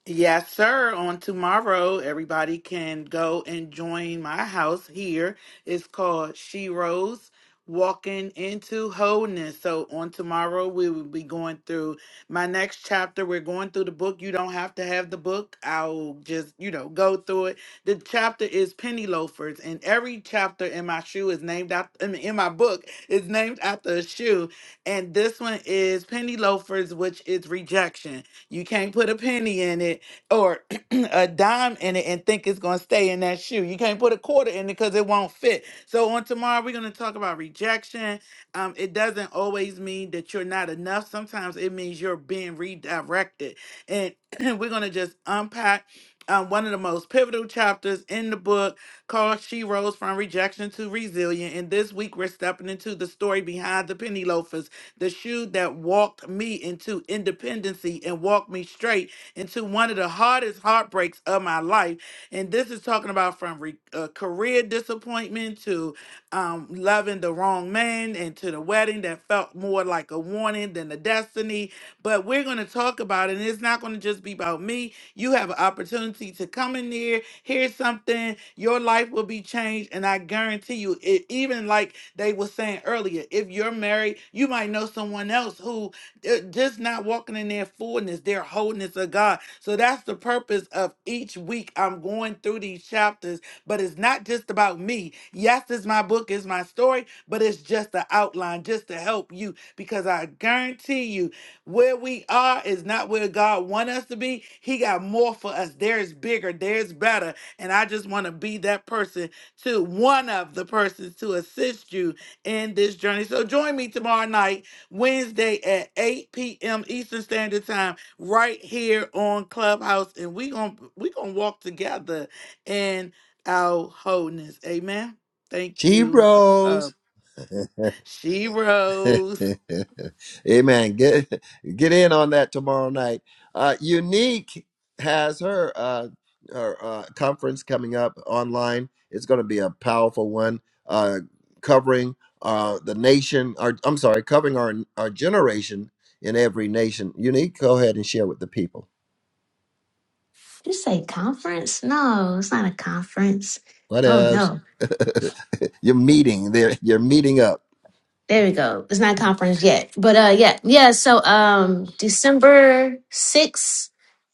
Yes, sir. On tomorrow, everybody can go and join my house here. It's called She Rose Walking into Wholeness. So, on tomorrow, we will be going through my next chapter. We're going through the book. You don't have to have the book. I'll just, you know, go through it. The chapter is Penny Loafers, and every chapter in my shoe is named after, I mean, in my book, is named after a shoe. And this one is Penny Loafers, which is rejection. You can't put a penny in it or a dime in it and think it's going to stay in that shoe. You can't put a quarter in it because it won't fit. So, on tomorrow, we're going to talk about rejection. Um, it doesn't always mean that you're not enough, sometimes it means you're being redirected. And we're going to just unpack. Um, one of the most pivotal chapters in the book called She Rose from Rejection to Resilient. And this week we're stepping into the story behind the penny loafers the shoe that walked me into independency and walked me straight into one of the hardest heartbreaks of my life. And this is talking about from re- uh, career disappointment to um, loving the wrong man and to the wedding that felt more like a warning than a destiny. But we're going to talk about it, and it's not going to just be about me. You have an opportunity to come in there here's something, your life will be changed. And I guarantee you, it, even like they were saying earlier, if you're married, you might know someone else who uh, just not walking in their fullness, their wholeness of God. So that's the purpose of each week. I'm going through these chapters, but it's not just about me. Yes, it's my book, it's my story, but it's just the outline, just to help you, because I guarantee you, where we are is not where God want us to be. He got more for us. There's bigger, there's better. And I just want to be that person to one of the persons to assist you in this journey. So join me tomorrow night, Wednesday at 8 p.m. Eastern Standard Time, right here on Clubhouse. And we are gonna we are gonna walk together in our wholeness. Amen. Thank She you, uh, uh, rose. She Rose. Amen. Get get in on that tomorrow night. Uh, Unique has her uh, her uh, conference coming up online. It's going to be a powerful one, uh, covering uh, the nation. Or I'm sorry, covering our our generation in every nation. Unique, go ahead and share with the people. You say conference? No, it's not a conference. What Oh else? no. you're meeting there. You're meeting up. There we go. It's not conference yet, but uh, yeah, yeah. So um, December sixth,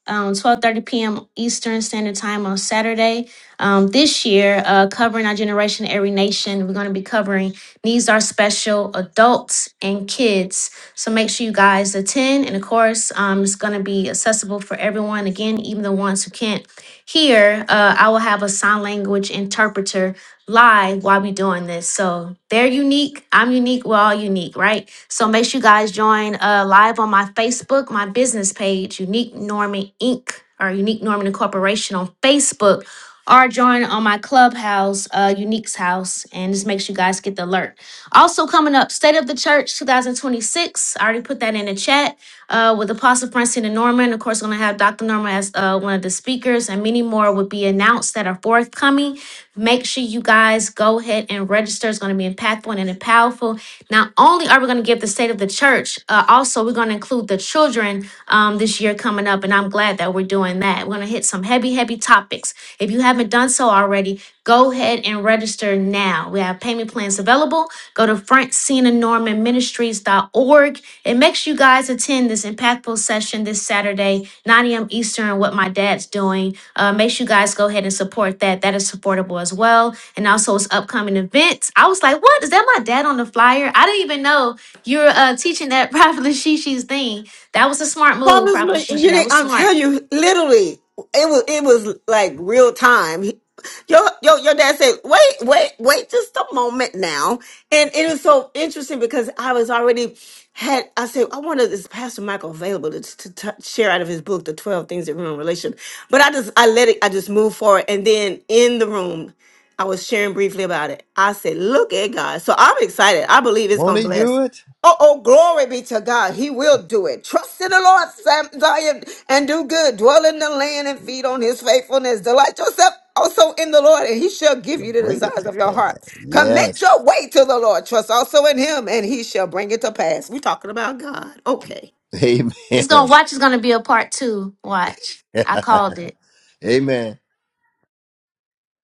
um, twelve thirty p.m. Eastern Standard Time on Saturday. Um, this year, uh, covering our generation, every nation. We're going to be covering needs are special, adults and kids. So make sure you guys attend, and of course, um, it's going to be accessible for everyone. Again, even the ones who can't hear, uh, I will have a sign language interpreter live while we doing this. So they're unique. I'm unique. We're all unique, right? So make sure you guys join uh, live on my Facebook, my business page, Unique Norman Inc. or Unique Norman Incorporation on Facebook, or join on my clubhouse, uh, Unique's House, and just make sure you guys get the alert. Also coming up, State of the Church 2026. I already put that in the chat uh, with Apostle Francine and Norman. Of course, going to have Dr. Norman as uh, one of the speakers, and many more will be announced that are forthcoming. Make sure you guys go ahead and register. It's going to be impactful and powerful. Not only are we going to give the state of the church, uh, also we're going to include the children um, this year coming up, and I'm glad that we're doing that. We're going to hit some heavy, heavy topics. If you haven't done so already, go ahead and register now. We have payment plans available. Go to francinanormanministries.org and make sure you guys attend this impactful session this Saturday, 9 a.m. Eastern, what my dad's doing. Uh, make sure you guys go ahead and support that. That is supportable as well. And also its upcoming events. I was like, what? Is that my dad on the flyer? I didn't even know you were uh, teaching that Prophet Lashishi's thing. That was a smart move, Prophet Columbus, Lashishi. That Virginia, was I'm smart. telling you, literally, it was it was like real time. He- Your your your dad said, "Wait, wait, wait, just a moment now." And it was so interesting because I was already had. I said, "I wanted this Pastor Michael available to, to, t- share out of his book, The Twelve Things That Ruin Relation." But I just I let it. I just moved forward, and then in the room, I was sharing briefly about it. I said, "Look at God." So I'm excited. I believe it's Won't gonna he bless. do it? Oh, oh, glory be to God. He will do it. Trust in the Lord, Sam, Zion, and do good. Dwell in the land and feed on his faithfulness. Delight yourself also in the Lord, and he shall give He'll you the bring it desires to of your pass. heart. Commit Yes. your way to the Lord. Trust also in him, and he shall bring it to pass. We're talking about God. Okay. It's going to Amen. watch is going to be a part two. Watch. I called it. Amen.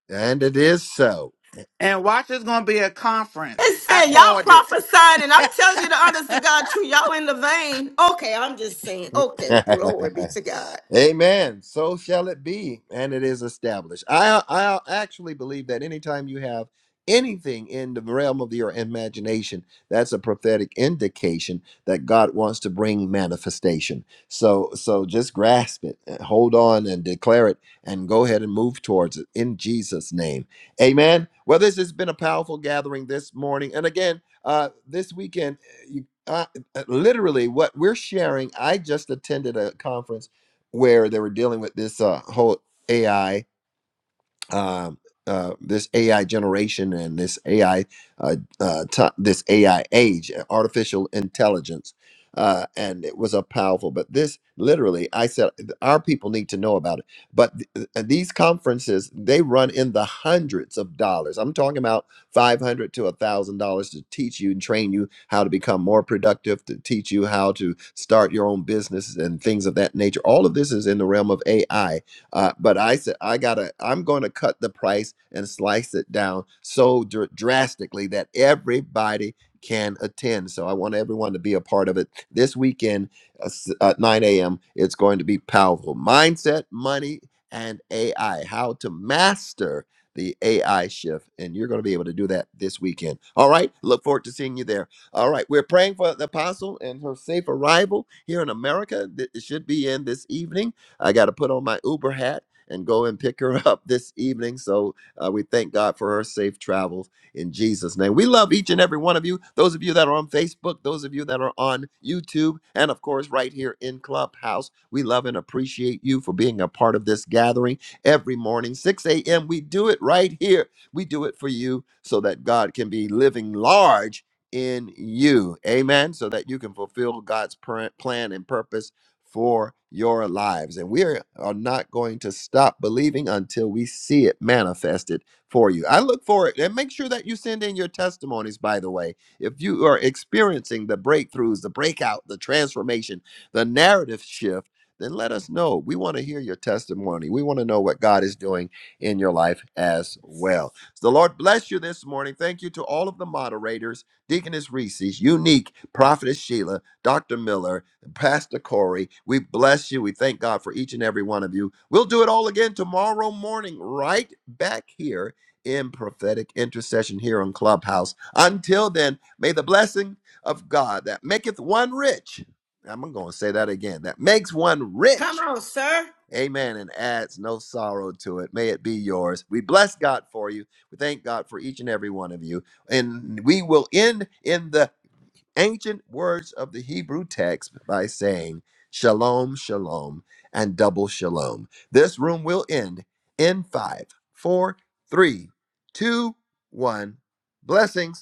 And it is so. And watch, it's gonna be a conference. I Listen, y'all called it. prophesying, and I'm telling you the honest to God truth. Y'all in the vein. Okay, I'm just saying. Okay, glory be to God. Amen. So shall it be, and it is established. I I actually believe that anytime you have anything in the realm of your imagination, that's a prophetic indication that God wants to bring manifestation. So so just grasp it, and hold on, and declare it, and go ahead and move towards it in Jesus' name. Amen. Well, this has been a powerful gathering this morning, and again, uh, this weekend, you. Uh, uh, literally, what we're sharing. I just attended a conference where they were dealing with this uh, whole AI uh, uh, this AI generation and this AI, uh, uh, ti- this AI age, uh, artificial intelligence, uh, and it was a powerful. But this literally, I said, th- our people need to know about it. But th- uh, these conferences, they run in the hundreds of dollars. I'm talking about five hundred to a thousand dollars to teach you and train you how to become more productive, to teach you how to start your own business and things of that nature. All of this is in the realm of AI uh, but I said, I gotta, I'm gonna cut the price and slice it down so dr- drastically that everybody can attend. So I want everyone to be a part of it this weekend uh, s- at 9 a.m. It's going to be powerful mindset, money, and AI. How to master the AI shift. And you're going to be able to do that this weekend. All right. Look forward to seeing you there. All right. We're praying for the apostle and her safe arrival here in America. Th- It should be in this evening. I got to put on my Uber hat and go and pick her up this evening. So uh, we thank God for her safe travels in Jesus' name. We love each and every one of you. Those of you that are on Facebook, those of you that are on YouTube, and of course, right here in Clubhouse, we love and appreciate you for being a part of this gathering every morning, 6 a.m. We do it right here. We do it for you so that God can be living large in you. Amen. So that you can fulfill God's pr- plan and purpose for your lives. And we are, are not going to stop believing until we see it manifested for you. I look for it. And make sure that you send in your testimonies, by the way. If you are experiencing the breakthroughs, the breakout, the transformation, the narrative shift, then let us know. We want to hear your testimony. We want to know what God is doing in your life as well. So the Lord bless you this morning. Thank you to all of the moderators, Deaconess Reese, Unique, Prophetess Sheila, Dr. Miller, and Pastor Corey. We bless you. We thank God for each and every one of you. We'll do it all again tomorrow morning, right back here in prophetic intercession here on Clubhouse. Until then, may the blessing of God that maketh one rich, I'm going to say that again, that makes one Come rich, on, sir. amen, and adds no sorrow to it. May it be yours. We bless God for you. We thank God for each and every one of you. And we will end in the ancient words of the Hebrew text by saying shalom, shalom, and double shalom. This room will end in five, four, three, two, one. Blessings.